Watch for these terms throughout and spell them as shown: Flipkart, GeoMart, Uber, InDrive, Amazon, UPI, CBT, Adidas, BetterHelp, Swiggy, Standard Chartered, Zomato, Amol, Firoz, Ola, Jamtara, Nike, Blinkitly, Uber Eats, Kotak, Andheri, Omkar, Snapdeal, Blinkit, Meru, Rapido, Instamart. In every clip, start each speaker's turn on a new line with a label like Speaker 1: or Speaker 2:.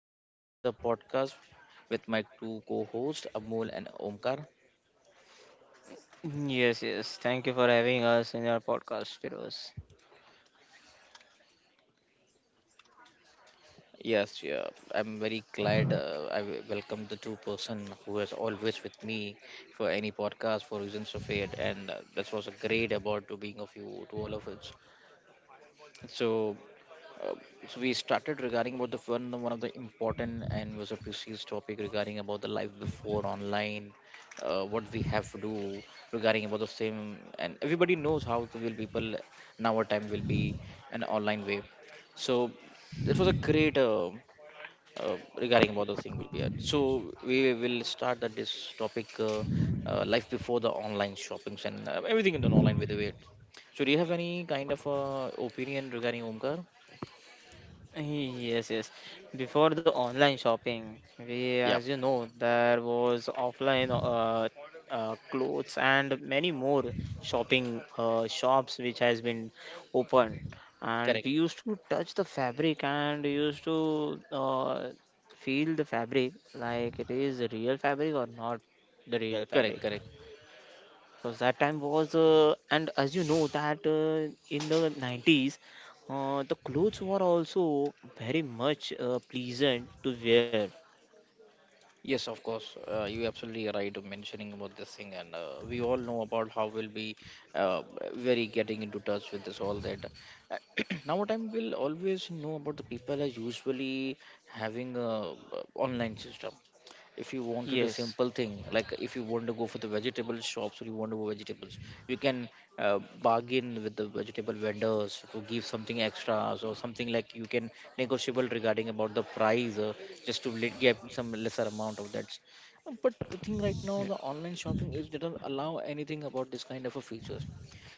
Speaker 1: This is another podcast with my two co-hosts Amol and Omkar.
Speaker 2: Yes, yes. Thank you for having us in your podcast, Firoz.
Speaker 1: Yes, yeah, I'm very glad, I welcome the two-person who is always with me for any podcast for reasons of it, and that was a great about to being of you to all of us. So, uh, so we started regarding about the one of the important and was a precise topic regarding about the life before online, what we have to do regarding about the same, and everybody knows how to will people now our time will be an online way. So, it was a great. Regarding about the single beard. So we will start that this topic, life before the online shoppings and everything in the online with the weight. So do you have any kind of opinion regarding Omkar?
Speaker 2: Yes, yes. Before the online shopping, we,
Speaker 1: Yeah,
Speaker 2: as you know, there was offline clothes and many more shopping shops which has been opened, and
Speaker 1: correct,
Speaker 2: we used to touch the fabric and used to feel the fabric like it is real fabric or not the real
Speaker 1: correct,
Speaker 2: fabric
Speaker 1: correct.
Speaker 2: because that time was and as you know that in the 90s the clothes were also very much pleasant to wear.
Speaker 1: Yes, of course. You absolutely right of mentioning about this thing, and we all know about how we'll be uh, very getting into touch with this all that. Uh, Now time will always know about the people are usually having a, online system if you want to do
Speaker 2: Yes,
Speaker 1: simple thing like if you want to go for the vegetable shops or you want to go vegetables. You can bargain with the vegetable vendors to give something extras, or something like you can negotiable regarding about the price, just to get some lesser amount of that. But the thing right now the online shopping is doesn't allow anything about this kind of a features,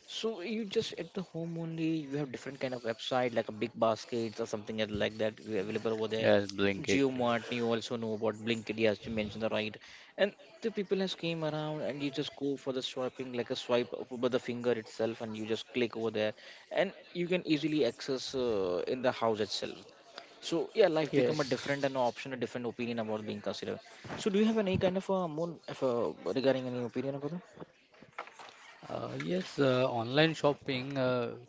Speaker 1: so you just at the home only you have different kind of website like a big basket or something else like that available over there.
Speaker 3: Yes, Blinkitly.
Speaker 1: GeoMart, you also know about Blinkit, yes, you mentioned the right. And the people has came around and you just go for the swiping, like a swipe over the finger itself, and you just click over there and you can easily access in the house itself. So yeah, life become a
Speaker 2: yes.
Speaker 1: different and option, a different opinion about being considered. So do you have any kind of more of, regarding any opinion about that?
Speaker 3: Yes, online shopping,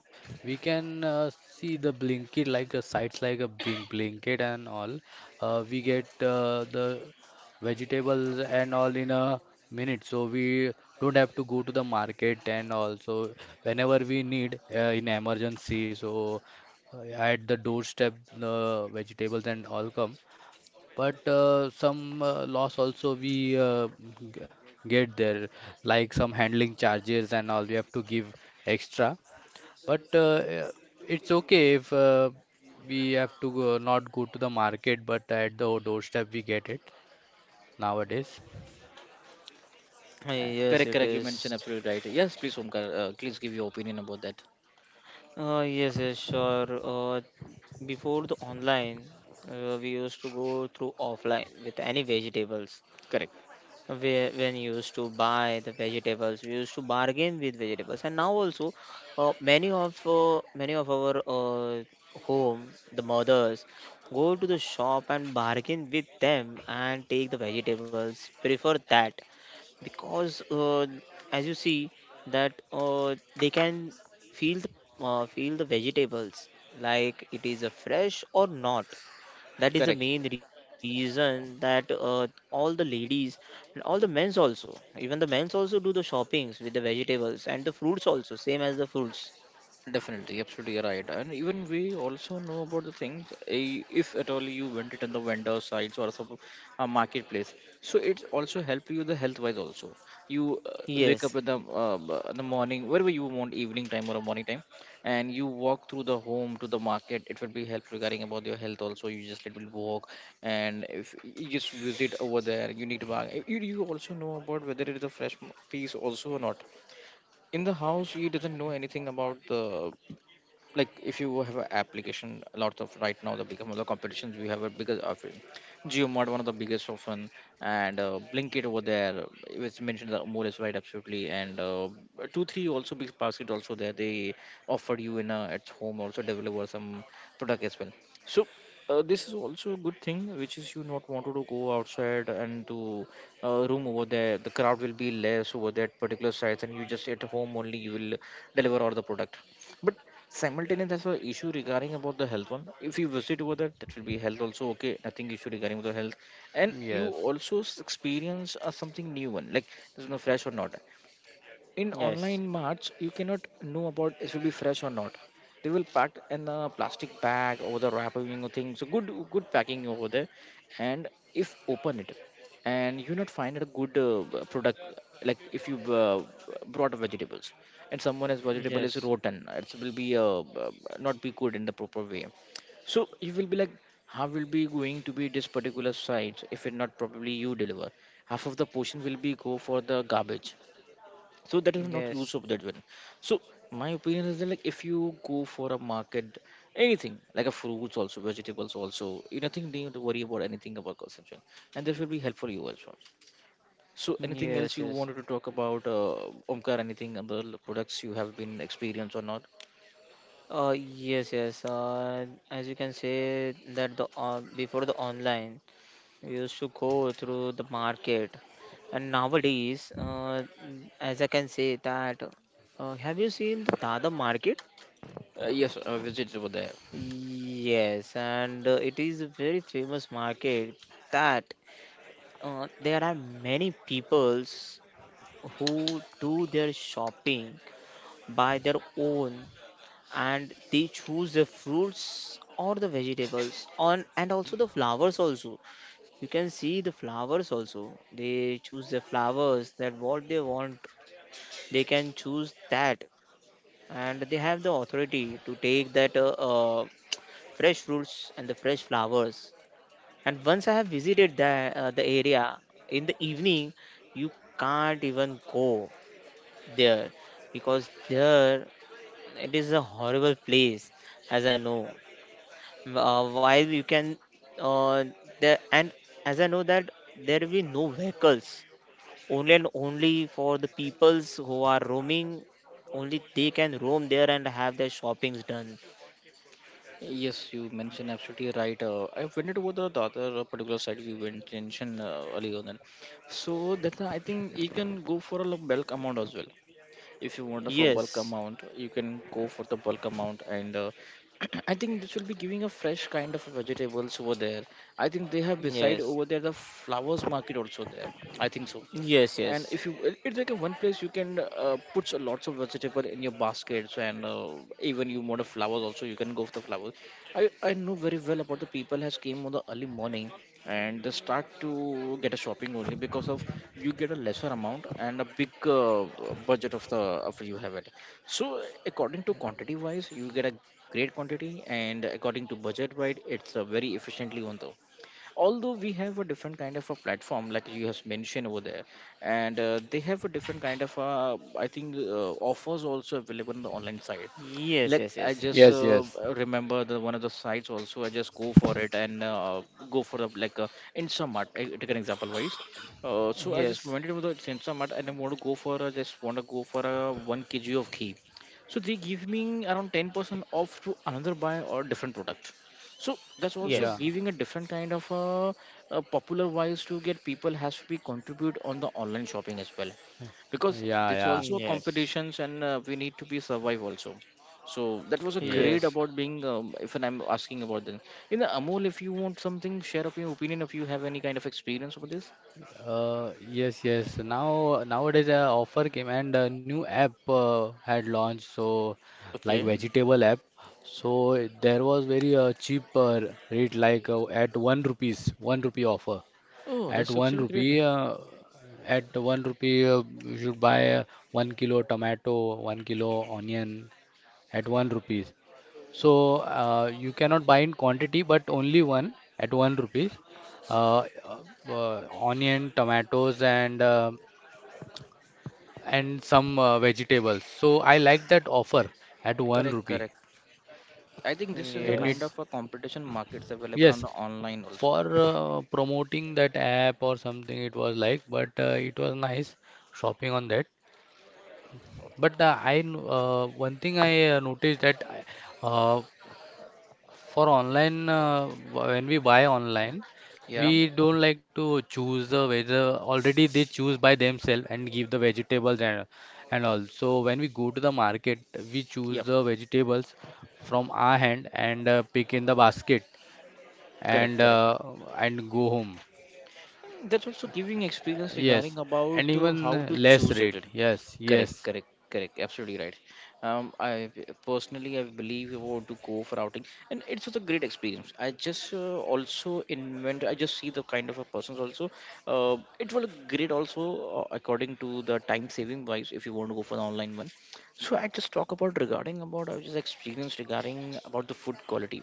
Speaker 3: we can see the Blinkit, like sites like a Blinkit and all. We get the vegetables and all in a minute, so we don't have to go to the market, and also whenever we need, in emergency, so at the doorstep the vegetables and all come. But some loss also we g- get there, like some handling charges and all we have to give extra, but it's okay if we have to go, not go to the market, but at the doorstep we get it nowadays. Uh,
Speaker 2: Yes,
Speaker 1: Correct,
Speaker 2: it
Speaker 1: correct. You mentioned
Speaker 2: is.
Speaker 1: absolutely right. Yes, please, Omkar, please give your opinion about that.
Speaker 2: Yes, yes, sure. Before the online we used to go through offline with any vegetables
Speaker 1: Correct,
Speaker 2: where when you used to buy the vegetables we used to bargain with vegetables, and now also many of our home the mothers go to the shop and bargain with them and take the vegetables prefer that because as you see that they can feel the vegetables like it is a fresh or not. That is the
Speaker 1: correct.
Speaker 2: main reason that all the ladies and all the men's also, even the men's also, do the shoppings with the vegetables and the fruits also, same as the fruits.
Speaker 1: Definitely, absolutely you're right. And even we also know about the thing. Eh, if at all you went it on the vendor sites or some marketplace, so it also help you the health wise also. You wake
Speaker 2: Yes,
Speaker 1: up in the, in the morning, wherever you want, evening time or a morning time, and you walk through the home to the market. It will be help regarding about your health also. You just little walk, and if you just visit over there, you need to buy. Eh, You also know about whether it is a fresh piece also or not. In the house he doesn't know anything about the, like if you have an application a lot of right now the become of the competitions we have a bigger of it. GeoMod one of the biggest often, and Blinkit over there, it was mentioned that more is right absolutely. And two three also, big basket also there, they offered you in a at home also deliver some product as well. So this is also a good thing, which is you not wanted to go outside and to room over there. The crowd will be less over that particular site, and you just at home only you will deliver all the product. But simultaneous as well issue regarding about the health one. If you visit over there, that will be health also okay. Nothing issue regarding the health, and you
Speaker 3: yes,
Speaker 1: also experience something new one, like this one fresh or not. In
Speaker 2: yes,
Speaker 1: online marts you cannot know about it will be fresh or not. They will pack in a plastic bag over the wrapping thing, so good packing over there. And if open it and you not find a good product, like if you brought vegetables and someone has vegetable is
Speaker 2: yes,
Speaker 1: rotten, it will be not be good in the proper way. So you will be like, how will be going to be this particular site if it not probably you deliver? Half of the portion will be go for the garbage, so that is not use
Speaker 2: yes,
Speaker 1: of that one. So my opinion is that, like if you go for a market anything like a fruits also vegetables also, you nothing need to worry about anything about consumption, and this will be helpful you as well. So anything else
Speaker 2: yes,
Speaker 1: you
Speaker 2: yes.
Speaker 1: wanted to talk about, Omkar? Anything other products you have been experienced or not?
Speaker 2: Yes, yes. As you can say that the before the online we used to go through the market, and nowadays as I can say that have you seen the Dada market?
Speaker 1: Yes, I visited over there.
Speaker 2: Yes, and it is a very famous market that there are many peoples who do their shopping by their own, and they choose the fruits or the vegetables on, and also the flowers also. You can see the flowers also. They choose the flowers that what they want. They can choose that, and they have the authority to take that fresh fruits and the fresh flowers. And once I have visited the area in the evening, you can't even go there because there it is a horrible place, as I know. While you can, uh, there. And as I know that there will be no vehicles, only and only for the peoples who are roaming. Only they can roam there and have their shoppings done.
Speaker 1: Yes, you mentioned absolutely right. I went over the other particular site you went mentioned earlier on. Then. So that's why I think you can go for a bulk amount as well. If you want the for, yes, bulk
Speaker 2: Yes,
Speaker 1: amount you can go for the bulk amount and I think this will be giving a fresh kind of vegetables over there. I think they have beside
Speaker 2: yes,
Speaker 1: over there the flowers market also there. I think so.
Speaker 2: yes,
Speaker 1: And
Speaker 2: yes.
Speaker 1: if you, it's like a one place you can put so lots of vegetable in your baskets, and even you want a flowers also, you can go for the flowers. I know very well about the people has came on the early morning, and they start to get a shopping only, because of you get a lesser amount and a big budget of the of you have it. So according to quantity wise you get a great quantity, and according to budget wise it's very efficiently on, though, although we have a different kind of a platform like you have mentioned over there. And they have a different kind of, I think, offers also available on the online side.
Speaker 2: Yes,
Speaker 1: Like
Speaker 2: yes,
Speaker 1: I
Speaker 2: yes.
Speaker 1: just
Speaker 3: yes, yes.
Speaker 1: remember the one of the sites also, I just go for it and go for the like, Instamart I take an example wise. So I just
Speaker 2: Yes.
Speaker 1: went into the Instamart and I want to go for a, just want to go for a 1 kg of ghee. So they give me around 10% off to another buy or different product. So that's also
Speaker 2: Yes.
Speaker 3: Yeah,
Speaker 1: giving a different kind of a popular wise to get people has to be contribute on the online shopping as well, because
Speaker 3: yeah,
Speaker 1: it's
Speaker 3: yeah.
Speaker 1: also a
Speaker 2: Yes.
Speaker 1: competitions and we need to be survive also. So that was a great
Speaker 3: Yes.
Speaker 2: Yes.
Speaker 1: about being. If and I'm asking about them in the Amol, if you want something, share up your opinion. If you have any kind of experience over this,
Speaker 3: Yes, yes. Now nowadays, offer came and a new app had launched. So, like
Speaker 1: okay.
Speaker 3: vegetable app. So there was very cheap rate, like at 1 rupees, 1 rupee offer.
Speaker 1: Oh,
Speaker 3: At
Speaker 1: that's
Speaker 3: one
Speaker 1: absolutely great. Yeah.
Speaker 3: rupee, uh, at one rupee, you should buy 1 kilo tomato, 1 kilo onion at 1 rupees. So you cannot buy in quantity, but only one at 1 rupees. Onion, tomatoes, and some vegetables. So I like that offer at one
Speaker 1: Correct,
Speaker 3: rupee.
Speaker 1: correct. I think this is a
Speaker 3: And it
Speaker 1: kind
Speaker 2: Yes.
Speaker 1: of a competition markets available on
Speaker 3: Yes,
Speaker 1: the online also.
Speaker 3: for promoting that app or something, it was like, but it was nice shopping on that. But one thing I noticed that. uh, For online, when we buy online,
Speaker 1: Yeah.
Speaker 3: we don't like to choose the whether, already they choose by themselves and give the vegetables and all. So when we go to the market, we choose
Speaker 1: Yeah.
Speaker 3: the vegetables from our hand and pick in the basket,
Speaker 1: Correct,
Speaker 3: and
Speaker 1: correct.
Speaker 3: uh, and go home.
Speaker 1: And that's also giving experience
Speaker 3: Yes,
Speaker 1: regarding
Speaker 3: and
Speaker 1: about how
Speaker 3: even
Speaker 1: to
Speaker 3: less
Speaker 1: choose
Speaker 3: rate.
Speaker 1: it.
Speaker 3: Yes,
Speaker 1: Correct,
Speaker 3: yes,
Speaker 1: correct, correct. Absolutely right. I personally I believe I want to go for outing, and it's just a great experience. I just also invent. I just see the kind of a persons also. It will great also according to the time saving wise. If you want to go for the online one, so I just talk about regarding about I just experience regarding about the food quality.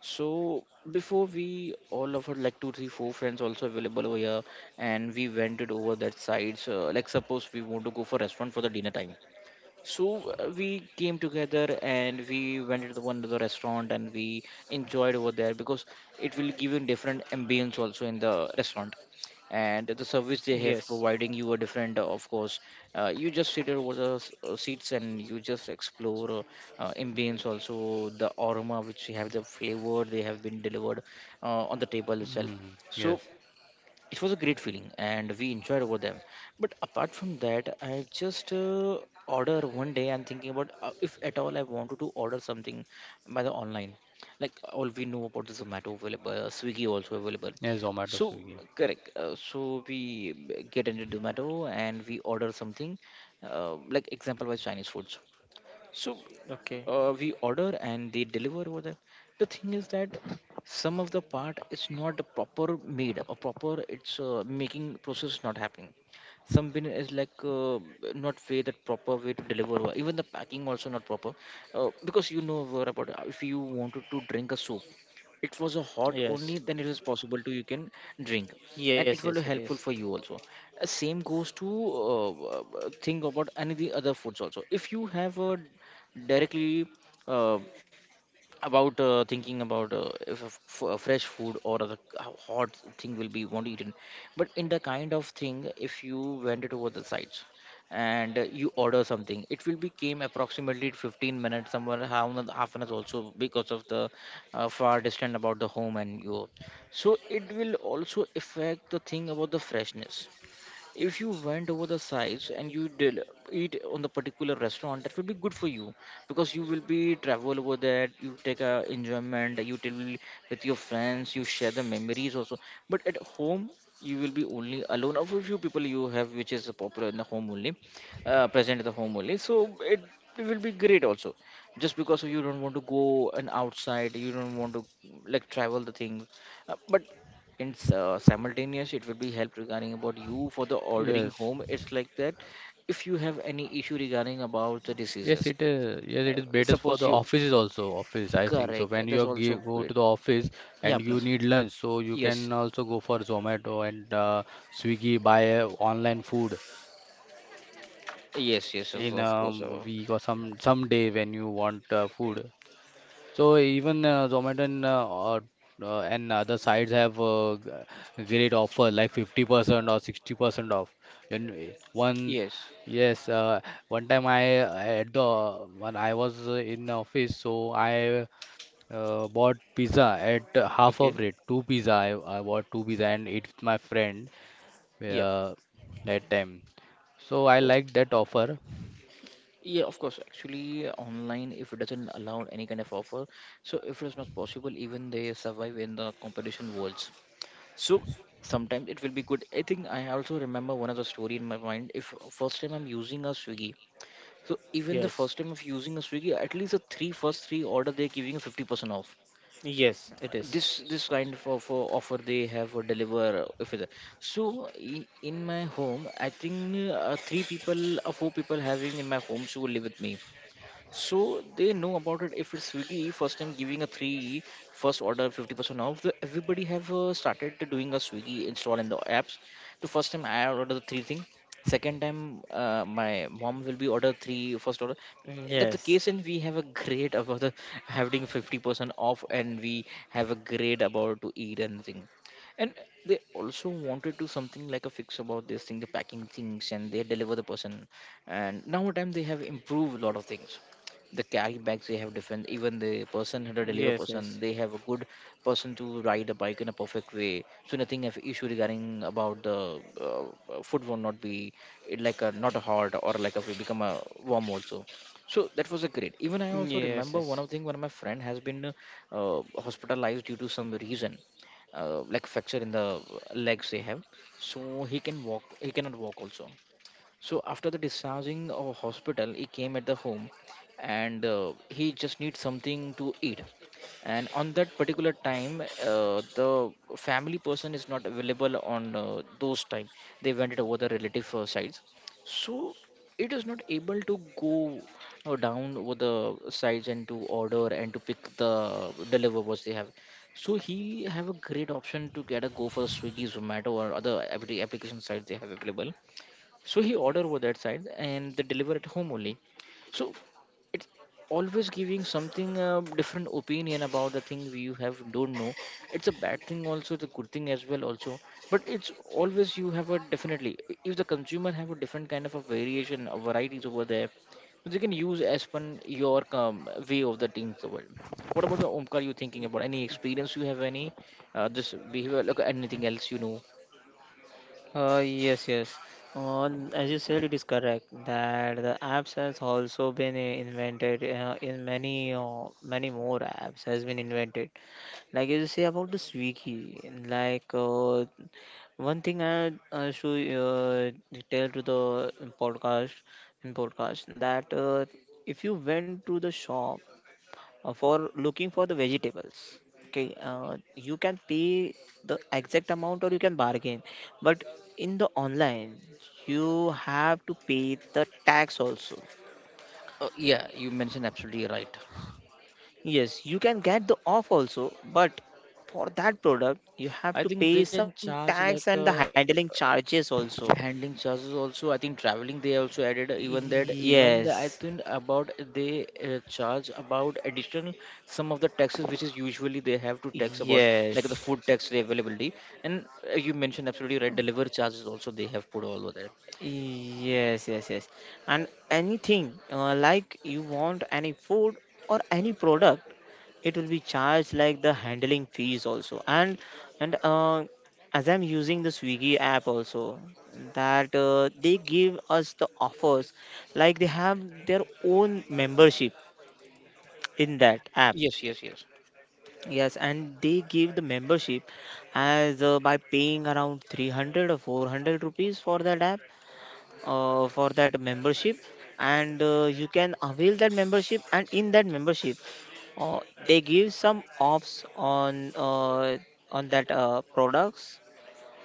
Speaker 1: So before we all of our, like, two, three, four friends also available over here, and we went it over that side. So like suppose we want to go for restaurant for the dinner time, so we came together and we went to the one to the restaurant and we enjoyed over there because it will give you different ambience also in the restaurant, and the service they
Speaker 2: Yes.
Speaker 1: have providing you a different of course, you just sit over the seats and you just explore ambience also the aroma which you have the flavor they have been delivered on the table itself.
Speaker 3: mm,
Speaker 1: So
Speaker 3: yes,
Speaker 1: it was a great feeling and we enjoyed over them. But apart from that I just order one day, I'm thinking about if at all I wanted to order something by the online, like all we know about the Zomato available, Swiggy also available.
Speaker 3: yes. Zomato,
Speaker 1: So
Speaker 3: Swiggy.
Speaker 1: correct, so we get into Zomato and we order something, like example by Chinese foods. So
Speaker 2: Okay.
Speaker 1: we order and they deliver over there. The thing is that some of the part is not proper made or proper, it's making process is not happening. Some bin is like not way that proper way to deliver, or even the packing also not proper, because you know what about if you wanted to drink a soup, it was a hot only
Speaker 2: Yes.
Speaker 1: then it is possible to you can drink,
Speaker 2: Yes,
Speaker 1: and
Speaker 2: yes,
Speaker 1: it will
Speaker 2: it
Speaker 1: be
Speaker 2: is.
Speaker 1: helpful for you also. Same goes to think about any the other foods also. If you have a directly uh, about thinking about if a, a fresh food or other how hot thing will be want eaten. But in the kind of thing, if you went it over the sites and you order something, it will be came approximately 15 minutes, somewhere half an hour also, because of the far distant about the home and you. So it will also affect the thing about the freshness. If you went over the sides and you did eat on the particular restaurant, that will be good for you, because you will be travel over there, you take a enjoyment, you tell with your friends, you share the memories also. But at home, you will be only alone of a few people you have which is popular in the home only, present in the home only, so it will be great also, just because you don't want to go and outside, you don't want to like travel the things, but and simultaneous it will be help regarding about you for the ordering
Speaker 3: Yes.
Speaker 1: home, it's like that. If you have any issue regarding about the
Speaker 3: Yes,
Speaker 1: diseases,
Speaker 3: it is. Yes, it is better for
Speaker 1: suppose
Speaker 3: the
Speaker 1: you
Speaker 3: offices also. Office, I think. So
Speaker 1: correct,
Speaker 3: when
Speaker 1: that's
Speaker 3: you
Speaker 1: also
Speaker 3: give, go
Speaker 1: good.
Speaker 3: to the office
Speaker 1: Yeah,
Speaker 3: and you
Speaker 1: please.
Speaker 3: need lunch, so you
Speaker 1: Yes.
Speaker 3: can also go for Zomato and Swiggy, buy online food
Speaker 1: Yes. Yes, yes,
Speaker 3: in
Speaker 1: of
Speaker 3: a
Speaker 1: course,
Speaker 3: week or some day when you want food. So even Zomato and and other sites have great offer like 50% or 60% off. And one
Speaker 1: yes.
Speaker 3: yes, one time I, at the when I was in office, so I bought pizza at half
Speaker 1: Okay.
Speaker 3: of rate. Two pizza I, bought two pizza and ate with my friend
Speaker 1: Yep.
Speaker 3: uh, that time. So I
Speaker 1: Oh,
Speaker 3: liked that offer.
Speaker 1: yeah, of course. Actually online, if it doesn't allow any kind of offer, so if it's not possible, even they survive in the competition worlds. So sometimes it will be good. I think I also remember one of the story in my mind. If first time I'm using a Swiggy, so even the first
Speaker 2: Yes.
Speaker 1: time of using a Swiggy, at least the three first three order they're giving you 50% off.
Speaker 2: Yes, it is.
Speaker 1: This kind of offer they have for deliver if it-, so in my home, I think three people or four people having in my home should live with me. So they know about it. If it's Swiggy, first time giving a three, first order 50% off. Everybody have started to doing a Swiggy install in the apps. The first time I order the three thing. Second time my mom will be order three first order. That's the case,
Speaker 2: Yes.
Speaker 1: and we have a grade about the, having 50% off, and we have a grade about to eat anything. And they also wanted to something like a fix about this thing, the packing things, and they deliver the person, and now time they have improved a lot of things. The carry bags they have different,
Speaker 2: Yes,
Speaker 1: even
Speaker 2: yes.
Speaker 1: the person who deliver person, they have a good person to ride a bike in a perfect way, so nothing of issue regarding about the food will not be it like a not a hard or like a become a warm also. So that was a great. Even I
Speaker 2: Yes,
Speaker 1: also
Speaker 2: yes.
Speaker 1: remember one of thing, one of my friend has been hospitalized due to some reason, like fracture in the legs they have. So he can walk, he cannot walk also. So after the discharging of hospital, he came at the home, and he just needs something to eat. And on that particular time, the family person is not available on those time. They went it over the relative sides, so it is not able to go down over the sides and to order and to pick the deliver what they have. So he have a great option to get a go for Swiggy, Zomato, or other application sites they have available. So he order over that side and they deliver at home only. So it's always giving something different opinion about the thing we you have don't know. It's a bad thing also, the good thing as well also. But it's always you have a definitely, if the consumer have a different kind of a variation of varieties over there, they can use as per your way of the things over. What about the Omkar, you thinking about any experience you have any this behavior like anything else, you know?
Speaker 2: Yes, yes. On, as you said, it is correct that the apps has also been invented in many more apps has been invented. Like you say about the Swiggy, like one thing I should tell to the podcast, in podcast, that if you went to the shop for looking for the vegetables, okay, you can pay the exact amount or you can bargain, but in the online you have to pay the tax also.
Speaker 1: Yeah, you mentioned absolutely right.
Speaker 2: Yes, you can get the off also, but for that product you have
Speaker 1: I
Speaker 2: to
Speaker 1: think they
Speaker 2: pay
Speaker 1: can
Speaker 2: some
Speaker 1: charge
Speaker 2: tax
Speaker 1: like
Speaker 2: and the handling charges also.
Speaker 1: handling charges also. I think traveling they also added, even that even the, I
Speaker 2: Yes,
Speaker 1: think about they charge about additional some of the taxes which is usually they have to tax about, like the
Speaker 2: yes.
Speaker 1: food tax, the availability. And you mentioned absolutely right, delivery charges also they have put all over there.
Speaker 2: Yes, yes, yes. And anything like you want any food or any product, it will be charged like the handling fees also. And as I'm using the Swiggy app also, that they give us the offers like they have their own membership in that app.
Speaker 1: Yes, yes, yes.
Speaker 2: Yes. And they give the membership as by paying around 300 or 400 rupees for that app, for that membership. And you can avail that membership, and in that membership they give some offs on that products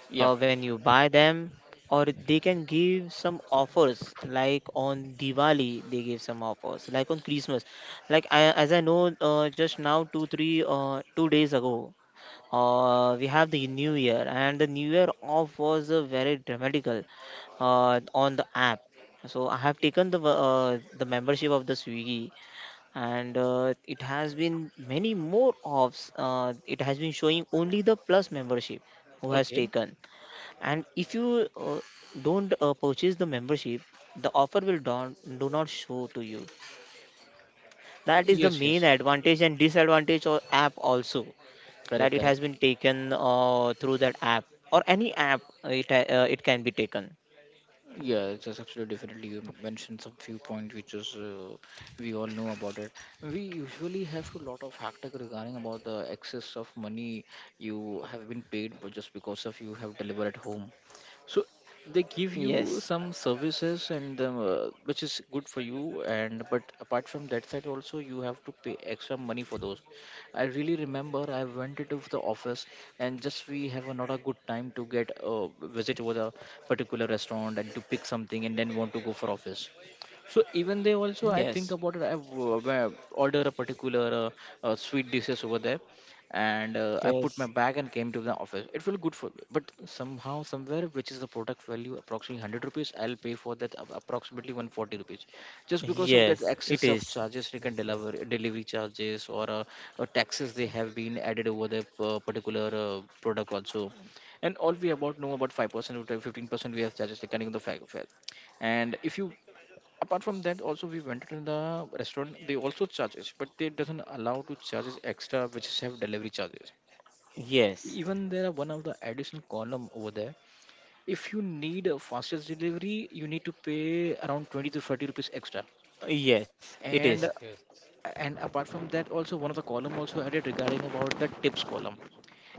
Speaker 1: Yeah.
Speaker 2: when you buy them, or they can give some offers like on Diwali they give some offers, like on Christmas. Like as I know just now, 2 days ago we have the new year, and the new year off was very dramatical on the app. So I have taken the membership of the Swiggy. And it has been many more offs, it has been showing only the plus membership who has
Speaker 1: Okay.
Speaker 2: taken. And if you don't purchase the membership, the offer will do not show to you. That is the
Speaker 1: Yes,
Speaker 2: main
Speaker 1: yes.
Speaker 2: advantage and disadvantage of app also, that
Speaker 1: Correct,
Speaker 2: it
Speaker 1: correct.
Speaker 2: has been taken through that app or any app, it can be taken.
Speaker 1: Yeah, just absolutely definitely. You mentioned some few points which is we all know about it. We usually have to lot of hectic regarding about the excess of money you have been paid, but just because of you have delivered at home. So they give
Speaker 2: Yes,
Speaker 1: you some services and which is good for you, and but apart from that side also you have to pay extra money for those. I really remember I went into the office, and just we have a, not a good time to get a visit over the particular restaurant and to pick something and then want to go for office. So even they also, I think
Speaker 2: yes,
Speaker 1: about it. I order a particular sweet dishes over there, and I put my
Speaker 2: yes,
Speaker 1: bag and came to the office. It felt good for me, but somehow, somewhere, which is the product value approximately 100 rupees, I'll pay for that approximately 140 rupees, just because of that
Speaker 2: yes, it
Speaker 1: excess of
Speaker 2: is.
Speaker 1: charges, like
Speaker 3: Yes, yes,
Speaker 1: delivery charges or taxes they have been added over the particular product also. And all we about know about 5% or 15% we have charges depending on the fact. And if you apart from that also we went to the restaurant, they also charges, but they doesn't allow to charges extra which is have delivery charges.
Speaker 2: Yes,
Speaker 1: Even there are one of the additional column over there. If you need a fastest delivery, you need to pay around 20 to 30 rupees extra.
Speaker 2: yes, it is.
Speaker 3: yes,
Speaker 1: and
Speaker 3: yes.
Speaker 1: and apart from that also, one of the column also added regarding about the tips column.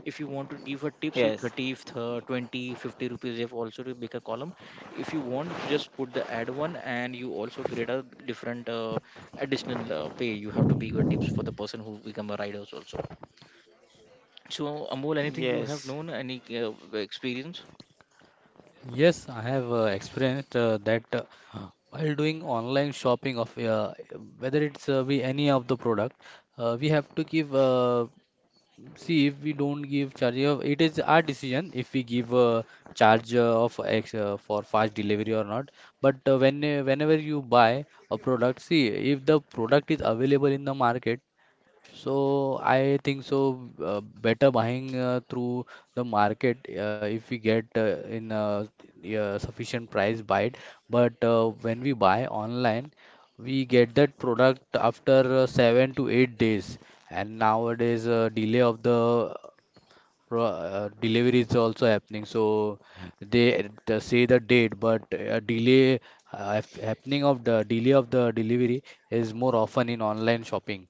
Speaker 1: If you want to give her tips,
Speaker 2: Yes.
Speaker 1: you 30 if the 20 50 rupees, you have also to make a column. If you want, you just put the ad one, and you also create a different additional pay you have to be your tips for the person who become a riders also. So Amol, anything you have
Speaker 2: Yes,
Speaker 1: known any experience?
Speaker 3: Yes, I have experienced that, while doing online shopping of, whether it's be any of the product, we have to give, see, if we don't give charge of, it is our decision. If we give a charge of X for fast delivery or not. But whenever you buy a product, see if the product is available in the market, so I think so, better buying through the market, if we get in a sufficient price, buy it. But when we buy online, we get that product after 7 to 8 days. And nowadays, delay of the delivery is also happening. So they say the date, but delay, happening of the delay of the delivery is more often in online shopping.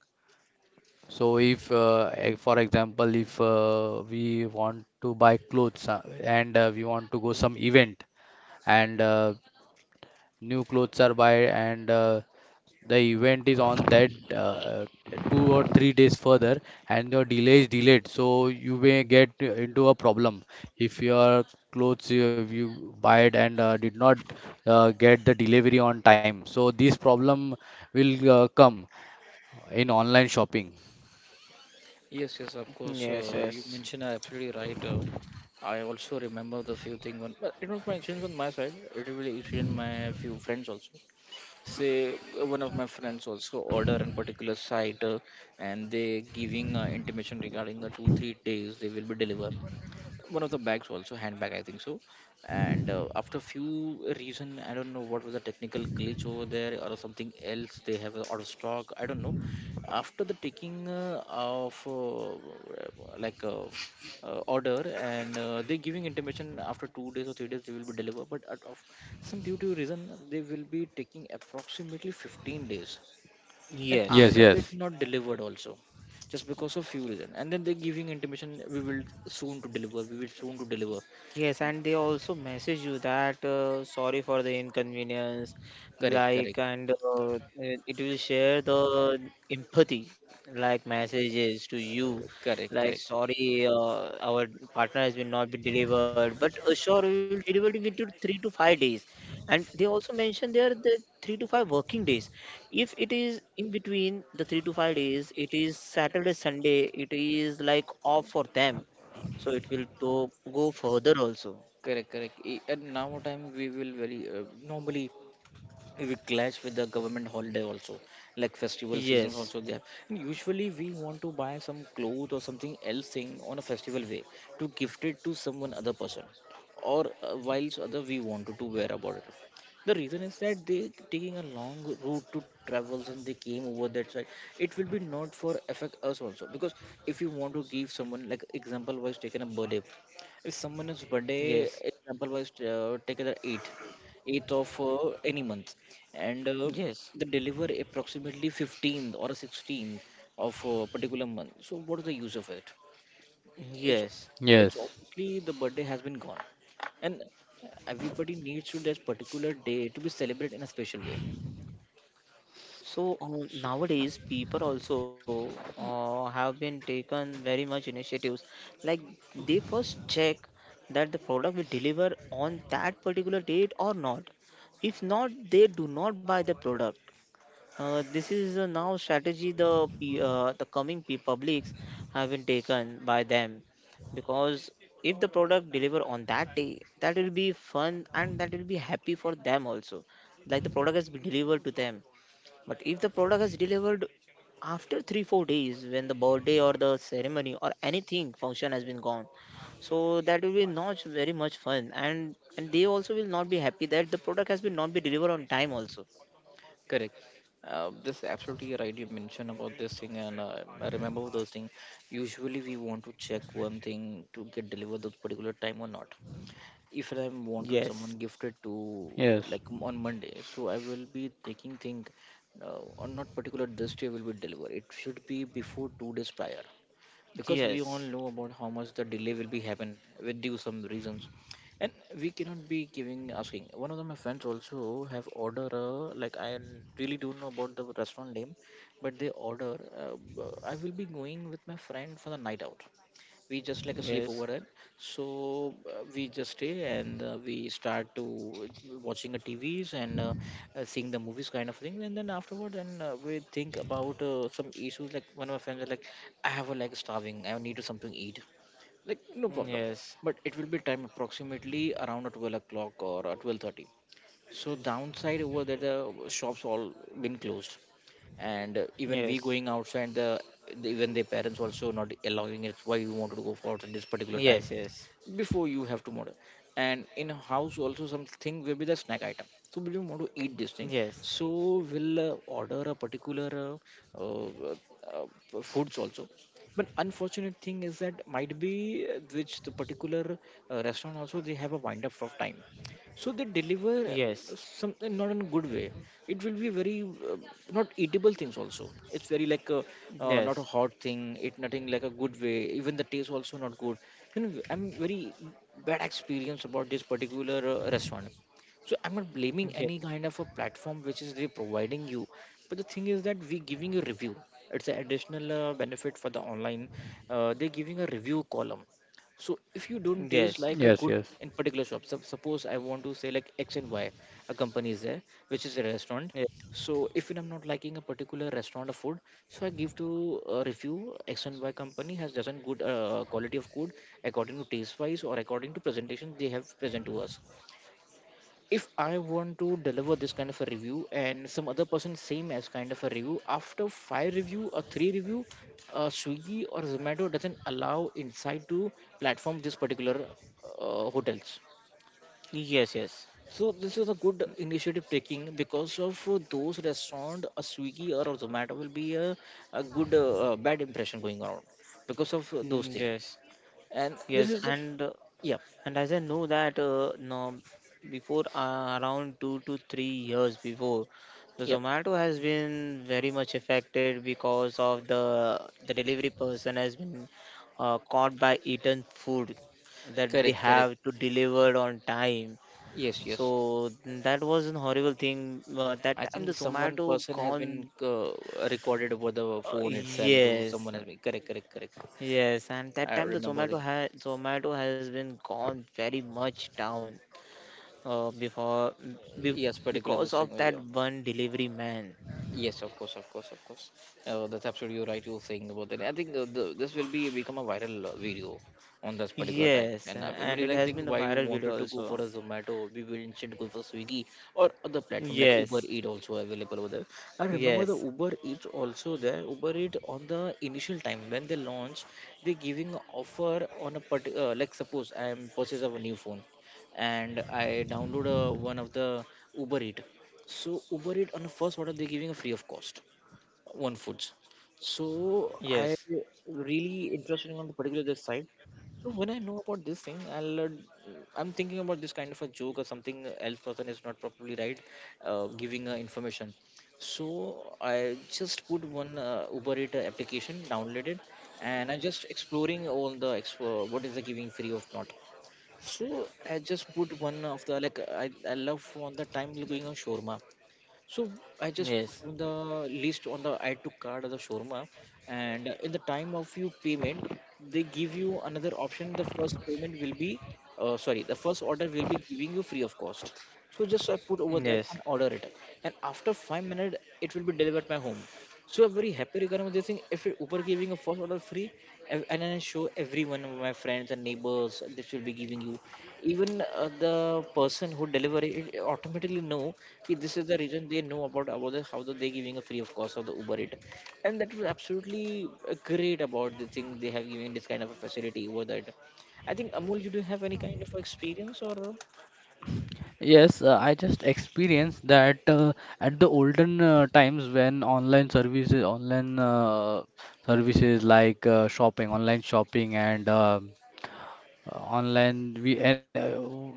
Speaker 3: So if, for example, if we want to buy clothes and we want to go some event and new clothes are buy, and the event is on that 2 or 3 days further, and your delay is delayed, so you may get into a problem if your clothes you, buy it and did not get the delivery on time. So this problem will come in online shopping.
Speaker 1: Yes, yes, of course.
Speaker 2: yes,
Speaker 1: You
Speaker 2: yes,
Speaker 1: mentioned are absolutely right. I also remember the few things. When, but it was my mentioned on my side. It really it in my few friends also. Say one of my friends also order in particular site, and they giving intimation regarding the 2 3 days they will be delivered one of the bags also, handbag I think so. And after few reason, I don't know what was the technical glitch over there or something else, they have out of stock, I don't know. After the taking of like order and they giving intimation after 2 days or 3 days they will be delivered, but out of some due to reason they will be taking approximately 15 days. And
Speaker 2: yes.
Speaker 3: Yes,
Speaker 1: after they did
Speaker 3: yes,
Speaker 1: not delivered also, just because of few reason, and then they're giving intimation, we will soon to deliver, we will soon to deliver.
Speaker 2: Yes, and they also message you that sorry for the inconvenience,
Speaker 1: Correct,
Speaker 2: like,
Speaker 1: correct.
Speaker 2: and it will share the empathy, like messages to you,
Speaker 1: Correct,
Speaker 2: like
Speaker 1: correct.
Speaker 2: sorry, our partner has been not been delivered, but sure we will deliver it within 3 to 5 days. And they also mention there the 3 to 5 working days. If it is in between the 3 to 5 days, it is Saturday, Sunday, it is like off for them, so it will to go further also.
Speaker 1: Correct, correct. And now time we will very normally, it will clash with the government holiday also, like festival seasons
Speaker 2: Yes,
Speaker 1: also there, and usually we want to buy some clothes or something else thing on a festival way to gift it to someone other person, or whilst other we wanted to wear about it. The reason is that they taking a long route to travels and they came over that side. It will be not for affect us also, because if you want to give someone, like example wise taken a birthday, if someone is birthday,
Speaker 2: yes,
Speaker 1: example wise taken the 8th of any month, and
Speaker 2: yes,
Speaker 1: they deliver approximately 15th or 16th of a particular month, so what is the use of it? it's
Speaker 2: yes.
Speaker 1: it's
Speaker 3: yes.
Speaker 1: obviously the birthday has been gone, and everybody needs to that particular day to be celebrated in a special way.
Speaker 2: So nowadays, people also have been taken very much initiatives. Like they first check that the product will deliver on that particular date or not. If not, they do not buy the product. This is now strategy, the coming publics have been taken by them, because if the product deliver on that day, that will be fun, and that will be happy for them also, like the product has been delivered to them. But if the product has delivered after 3 4 days when the birthday or the ceremony or anything function has been gone, so that will be not very much fun. And they also will not be happy that the product has been not be delivered on time also.
Speaker 1: Correct. This absolutely right. You mentioned about this thing, and I remember those things. Usually, we want to check one thing to get delivered that particular time or not. If I'm wanted
Speaker 2: Yes.
Speaker 1: someone gifted to
Speaker 3: Yes,
Speaker 1: like on Monday, so I will be taking thing on not particular this day will be delivered. It should be before 2 days prior because we all
Speaker 2: Yes,
Speaker 1: know about how much the delay will be happen with due some reasons, and we cannot be giving asking. One of the, my friends also have order like I really don't know about the restaurant name, but they order. I will be going with my friend for the night out, we just like a sleep over
Speaker 2: yes,
Speaker 1: it. So we just stay and we start to watching the tvs and seeing the movies kind of thing, and then afterward and we think about some issues like one of my friends are like I have a like starving, I need to something to eat. Like, no problem,
Speaker 2: yes,
Speaker 1: but it will be time approximately around 12 o'clock or 12:30. So downside over that the shops all been closed, and even we
Speaker 2: yes,
Speaker 1: going outside the even their parents also not allowing us why we wanted to go for at this particular time
Speaker 2: yes, yes,
Speaker 1: before you have to model. And in a house also something will be the snack item. So we do want to eat this thing.
Speaker 2: yes,
Speaker 1: So will order a particular uh, uh, uh, foods also. But unfortunate thing is that might be which the particular restaurant also they have a wind up of time, so they
Speaker 2: yes,
Speaker 1: deliver
Speaker 2: yes,
Speaker 1: something not in a good way. It will be very uh, not eatable things also, it's very like a,
Speaker 2: yes,
Speaker 1: not a hot thing, it nothing like a good way, even the taste also not good. You know, I'm very bad experience about this particular restaurant. So I'm not blaming
Speaker 2: yes,
Speaker 1: any kind of a platform which is they providing you, but the thing is that we giving you review. It's an additional benefit for the online. They're giving a review column. So if you don't taste
Speaker 2: yes,
Speaker 1: like a
Speaker 3: yes,
Speaker 1: good
Speaker 3: yes.
Speaker 1: in particular shop, suppose I want to say like X and Y, a company is there which is a restaurant. So if I'm not liking a particular restaurant of food, so I give to a review X and Y company has doesn't good quality of food, according to taste wise or according to presentation they have present to us. If I want to deliver this kind of a review and some other person same as kind of a review, after five review or three review, Swiggy or Zomato doesn't allow inside to platform this particular hotels.
Speaker 2: yes,
Speaker 1: So this is a good initiative taking because of those restaurant, a Swiggy or a Zomato will be a good bad impression going around because of those
Speaker 2: yes,
Speaker 1: things.
Speaker 2: yes,
Speaker 1: And this
Speaker 2: yes,
Speaker 1: is
Speaker 2: and uh,
Speaker 1: yeah,
Speaker 2: and as I know that no, before around 2 to 3 years before, the
Speaker 1: yeah,
Speaker 2: Zomato has been very much affected because of the delivery person has been caught by eaten food that they
Speaker 1: correct, correct.
Speaker 2: have to deliver on time.
Speaker 1: Yes, yes.
Speaker 2: So that was an horrible thing. That
Speaker 1: I
Speaker 2: time the
Speaker 1: think someone
Speaker 2: Zomato
Speaker 1: person has
Speaker 2: gone.
Speaker 1: been recorded over the phone itself to
Speaker 2: Yes,
Speaker 1: someone has been correct, correct, correct.
Speaker 2: yes, and that
Speaker 1: I
Speaker 2: time the
Speaker 1: remember the
Speaker 2: Zomato has been gone very much down. Uh, before be,
Speaker 1: yes, particular
Speaker 2: because
Speaker 1: this thing.
Speaker 2: of that
Speaker 1: Yeah.
Speaker 2: one delivery man.
Speaker 1: Yes, of course, of course, of course. That's absolutely right. You're saying about that. I think this will be become a viral video on this particular time,
Speaker 2: Yes,
Speaker 1: and
Speaker 2: and
Speaker 1: everybody
Speaker 2: it
Speaker 1: like
Speaker 2: has
Speaker 1: think
Speaker 2: been a
Speaker 1: why you
Speaker 2: viral
Speaker 1: wanted
Speaker 2: video
Speaker 1: to go for
Speaker 2: also.
Speaker 1: a Zomato, we will instead go for Swiggy or other platform like Uber
Speaker 2: Yes,
Speaker 1: Eat also available over there. I remember the
Speaker 2: yes,
Speaker 1: Uber Eats also there. Uber Eat on the initial time when they launch, they giving offer on a particular like suppose I am purchase of a new phone, and I download one of the Uber Eat, so Uber Eat on the first order they're giving a free of cost, one foods. So I
Speaker 2: yes,
Speaker 1: really interested on the particular this side. So when I know about this thing, I'll I'm thinking about this kind of a joke or something else person is not properly right, giving information. So I just put one Uber Eats application, downloaded, and I'm just exploring all the what is the giving free of not. So I just put one of the like I love on the time going on shawarma. So I just
Speaker 2: yes,
Speaker 1: put on the list on the add to cart of the shawarma, and in the time of you payment, they give you another option. The first payment will be, sorry, the first order will be giving you free of cost. So just I put over that and
Speaker 2: yes,
Speaker 1: order it, and after 5 minutes, it will be delivered my home. So I'm very happy regarding with this thing. If Uber giving a first order free, and then I show everyone of my friends and neighbors, this will be giving you. Even the person who deliver it it automatically know. See, this is the reason they know about the, how the, they giving a free of cost of the Uber it, and that was absolutely great about the thing they have given this kind of a facility over that. I think Amol, you do have any kind of experience or?
Speaker 3: Yes, I just experienced that, at the olden times, when online services like shopping, online shopping, and online we,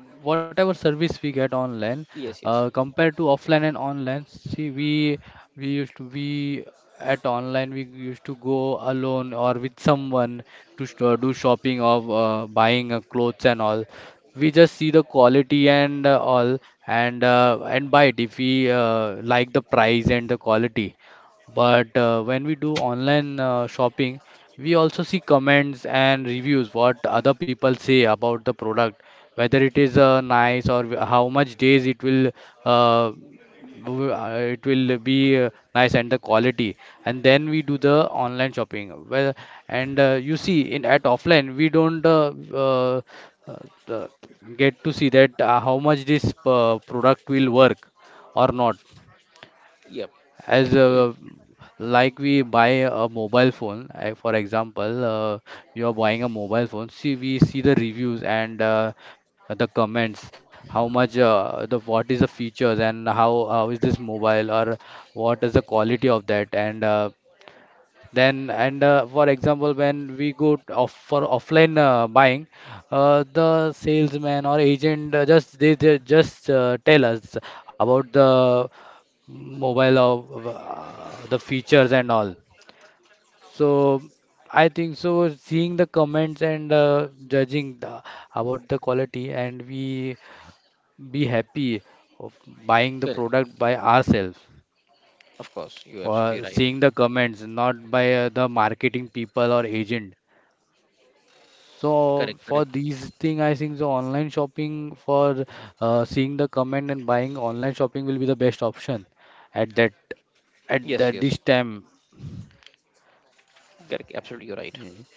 Speaker 3: whatever service we get online
Speaker 1: Yes, yes.
Speaker 3: compared to offline and online, see, we used to be, at online we used to go alone or with someone to do shopping or buying clothes and all, we just see the quality and all, and buy it if we like the price and the quality. But when we do online shopping, we also see comments and reviews, what other people say about the product, whether it is nice, or how much days it will, uh, it will be nice, and the quality. And then we do the online shopping. Well, and you see, in at offline we don't uh, the- get to see that, how much this product will work or not,
Speaker 1: Yep.
Speaker 3: as
Speaker 1: Absolutely.
Speaker 2: mm,
Speaker 3: like we buy a mobile phone. I, for example, you are buying a mobile phone, see we see the reviews and the comments, how much, the what is the features, and how is this mobile, or what is the quality of that, and then, and for example, when we go t- off for offline buying, the salesman or agent just they, just tell us about the mobile of, the features and all. So I think so, seeing the comments and judging about the quality, and we be happy of buying the
Speaker 1: Correct.
Speaker 3: product by ourselves,
Speaker 1: Of course. You're absolutely
Speaker 3: or
Speaker 1: right.
Speaker 3: seeing the comments, not by the marketing people or agent. So
Speaker 1: Correct,
Speaker 3: for
Speaker 1: correct.
Speaker 3: these thing, I think the online shopping for, seeing the comment and buying online shopping will be the best option at that this time.
Speaker 1: Correct. Absolutely, you're right.
Speaker 3: Yes.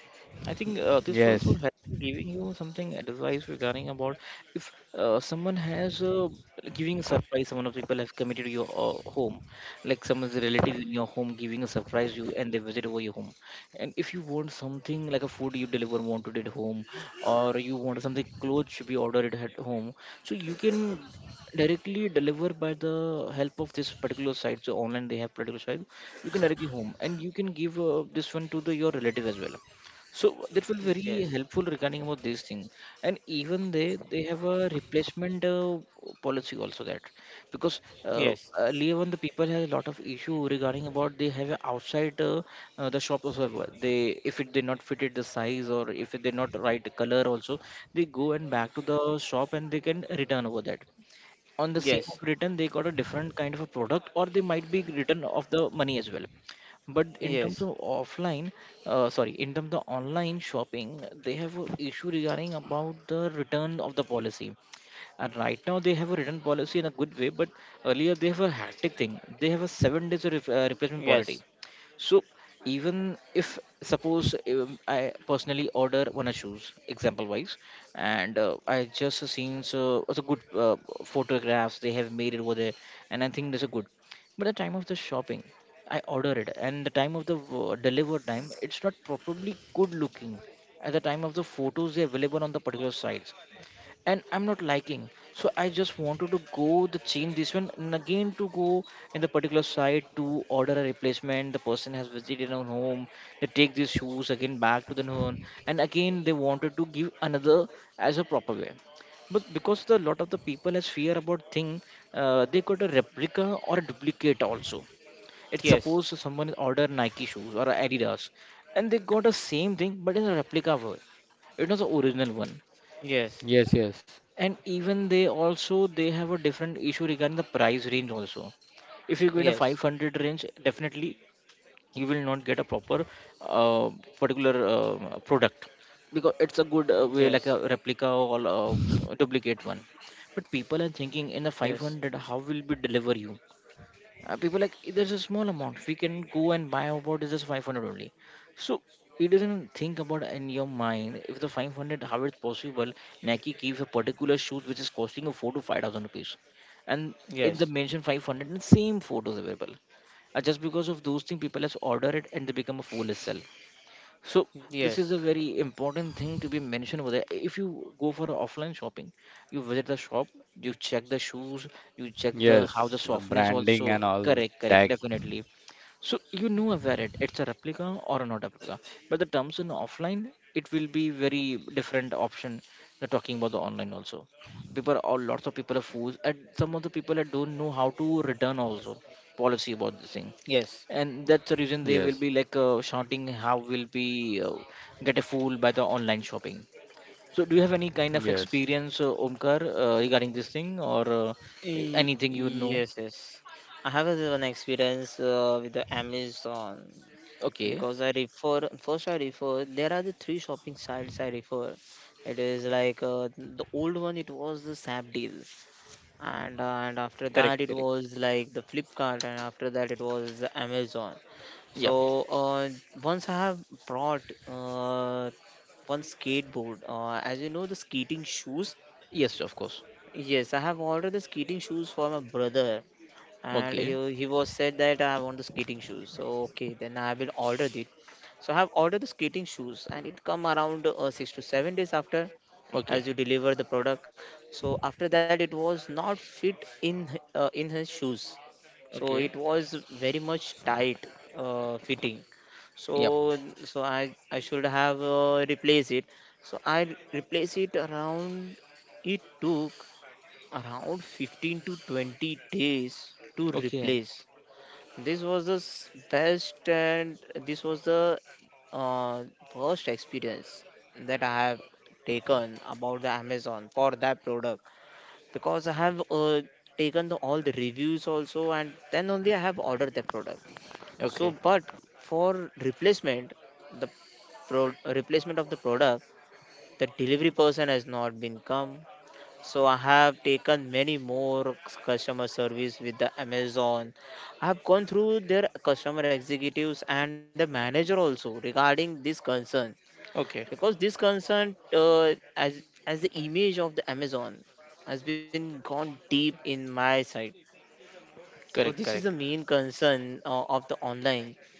Speaker 1: I think this will
Speaker 3: Yes,
Speaker 1: also help in giving you something advice regarding about if someone has giving a surprise, someone of people have committed your home, like someone's relative in your home giving a surprise you and they visit over your home. And if you want something like a food you deliver wanted at home, or you want something clothes should be ordered at home, so you can directly deliver by the help of this particular site. So online they have particular site, you can directly home and you can give this one to the your relative as well, so that will very
Speaker 2: yes,
Speaker 1: helpful regarding about this thing, and even they have a replacement policy also that because
Speaker 2: yes,
Speaker 1: earlier when the people had a lot of issue regarding about they have a outside the shop also they if it they not fitted the size or if it they not right color also, they go and back to the shop and they can return over that. On the same
Speaker 2: yes,
Speaker 1: of return they got a different kind of a product or they might be return of the money as well, but in terms
Speaker 2: yes,
Speaker 1: of offline sorry in terms of online shopping they have a issue regarding about the return of the policy, and right now they have a written policy in a good way, but earlier they have a hectic thing, they have a 7 days of replacement
Speaker 2: yes,
Speaker 1: policy. So even if suppose I personally order one of shoes, example wise, and I just seen so also good photographs they have made it over there, and I think that's a good. But the time of the shopping, I order it, and the time of the deliver time, it's not probably good looking at the time of the photos they available on the particular sites and I'm not liking. So I just wanted to go the change this one and again to go in the particular site to order a replacement. The person has visited our home. They take these shoes again back to the home, and again they wanted to give another as a proper way. But because the lot of the people has fear about thing, they got a replica or a duplicate also. It's
Speaker 2: yes,
Speaker 1: suppose someone order Nike shoes or Adidas, and they got a same thing but in a replica way. It was the original one,
Speaker 2: yes,
Speaker 3: yes, yes,
Speaker 1: and even they also they have a different issue regarding the price range also. If you go in a
Speaker 2: yes.
Speaker 1: 500 range, definitely you will not get a proper uh, particular product, because it's a good way like
Speaker 2: Yes,
Speaker 1: a replica or duplicate one. But people are thinking in the
Speaker 2: yes,
Speaker 1: 500 how will be deliver you, people like there's a small amount we can go and buy about is just 500 only. So it doesn't think about in your mind, if the 500 how it's possible. Nike gives a particular shoes which is costing a 4 to 5000 rupees, and in
Speaker 2: yes,
Speaker 1: the mention 500 and same photos available, just because of those things people has ordered it and they become a fool itself. So this is
Speaker 2: yes,
Speaker 1: a very important thing to be mentioned over there. If you go for offline shopping, you visit the shop, you check the shoes, you check the how
Speaker 3: yes.
Speaker 1: the
Speaker 3: The
Speaker 1: softness
Speaker 3: branding and
Speaker 1: also.
Speaker 3: all
Speaker 1: Correct, correct,
Speaker 3: tag.
Speaker 1: definitely. So you know about it. It's a replica or a not replica. But the terms in offline, it will be very different option. They're talking about the online also. People or lots of people are fools, and some of the people that don't know how to return also policy about this thing.
Speaker 2: yes.
Speaker 1: And that's the reason they
Speaker 3: Yes,
Speaker 1: will be like shouting, "How will be get a fool by the online shopping?" So, do you have any kind of
Speaker 3: yes,
Speaker 1: experience, Omkar, regarding this thing, or uh?
Speaker 2: Y-
Speaker 1: Anything you know?
Speaker 2: yes, yes. I have a one experience with the Amazon
Speaker 1: Okay,
Speaker 2: because I refer first. I refer there are the three shopping sites I refer. It is like the old one. It was the Sap deal. And after that
Speaker 1: correct,
Speaker 2: it
Speaker 1: correct.
Speaker 2: was like the Flipkart, and after that it was Amazon. So
Speaker 1: Yep.
Speaker 2: once I have brought one skateboard, as you know, the skating shoes.
Speaker 1: Yes, of course.
Speaker 2: Yes, I have ordered the skating shoes for my brother, and he
Speaker 1: Okay.
Speaker 2: he was said that I want the skating shoes. So okay, then I will order it. So I have ordered the skating shoes, and it come around 6 to 7 days after,
Speaker 1: Okay.
Speaker 2: as you deliver the product. So after that, it was not fit in his shoes. So it
Speaker 1: Okay.
Speaker 2: was very much tight fitting. So
Speaker 1: Yep.
Speaker 2: so I should have replaced it. So I replaced it around. It took around 15 to 20 days to
Speaker 1: Okay.
Speaker 2: replace. This was the best, and this was the uh, first experience that I have taken about the Amazon for that product, because I have taken the all the reviews also, and then only I have ordered the product. So,
Speaker 1: Okay.
Speaker 2: but for replacement, the replacement of the product, the delivery person has not been come, so I have taken many more customer service with the Amazon. I have gone through their customer executives and the manager also regarding this concern,
Speaker 1: Okay.
Speaker 2: because this concern as the image of the Amazon has been gone deep in my side. So
Speaker 1: Correct.
Speaker 2: this is
Speaker 1: Correct.
Speaker 2: the main concern of the online,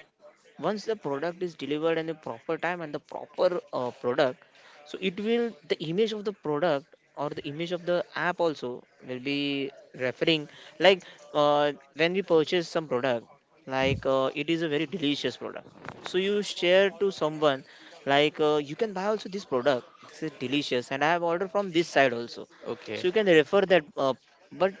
Speaker 2: that once the product is delivered in the proper time and the proper product, so it will the image of the product or the image of the app also will be referring. Like when we purchase some product, like it is a very delicious product. So you share to someone like you can buy also this product. This is delicious, and I have ordered from this side also, so
Speaker 1: Okay.
Speaker 2: you can refer that. But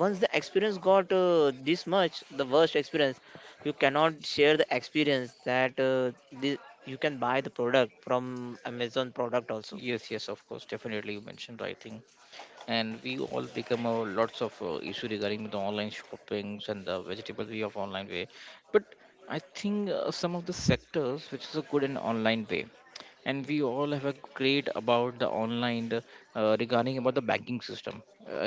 Speaker 2: once the experience got this much the worst experience, you cannot share the experience that you can buy the product from Amazon product also.
Speaker 1: Yes. Yes. Of course. Definitely. You mentioned writing, and we all become a lots of issue regarding the online shoppings and the vegetable way of online way, but I think some of the sectors which is a good in online way. And we all have a great about the online the, regarding about the banking system.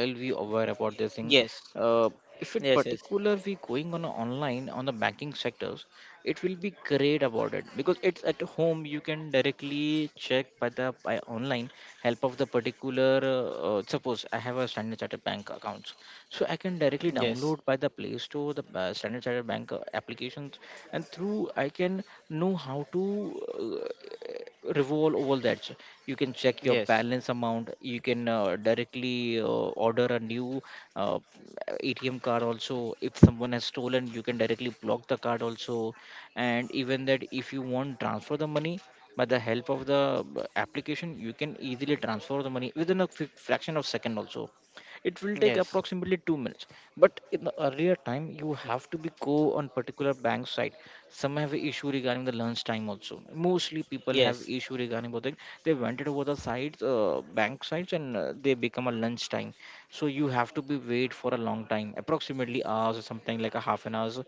Speaker 1: I'll be aware about this thing.
Speaker 2: Yes.
Speaker 1: uh, if in
Speaker 2: Yes, yes.
Speaker 1: particular we going on a online on the banking sectors, it will be great about it because it's at home you can directly check by the by online help of the particular suppose I have a standard chartered bank accounts, so I can directly
Speaker 2: Yes.
Speaker 1: download by the play store the standard chartered bank applications, and through I can know how to revolve over that you can check your
Speaker 2: Yes.
Speaker 1: balance amount. You can directly order a new uh, ATM card also. If someone has stolen, you can directly block the card also. And even that if you want transfer the money by the help of the application, you can easily transfer the money within a fraction of second also. It will take
Speaker 2: Yes.
Speaker 1: approximately 2 minutes. But in the earlier time you have to be go on particular bank site. Some have issue regarding the lunch time also, mostly people have
Speaker 2: Yes.
Speaker 1: issue regarding about it. They went it over the sites bank sites, and they become a lunch time. So you have to be wait for a long time, approximately hours or something like a half an hours.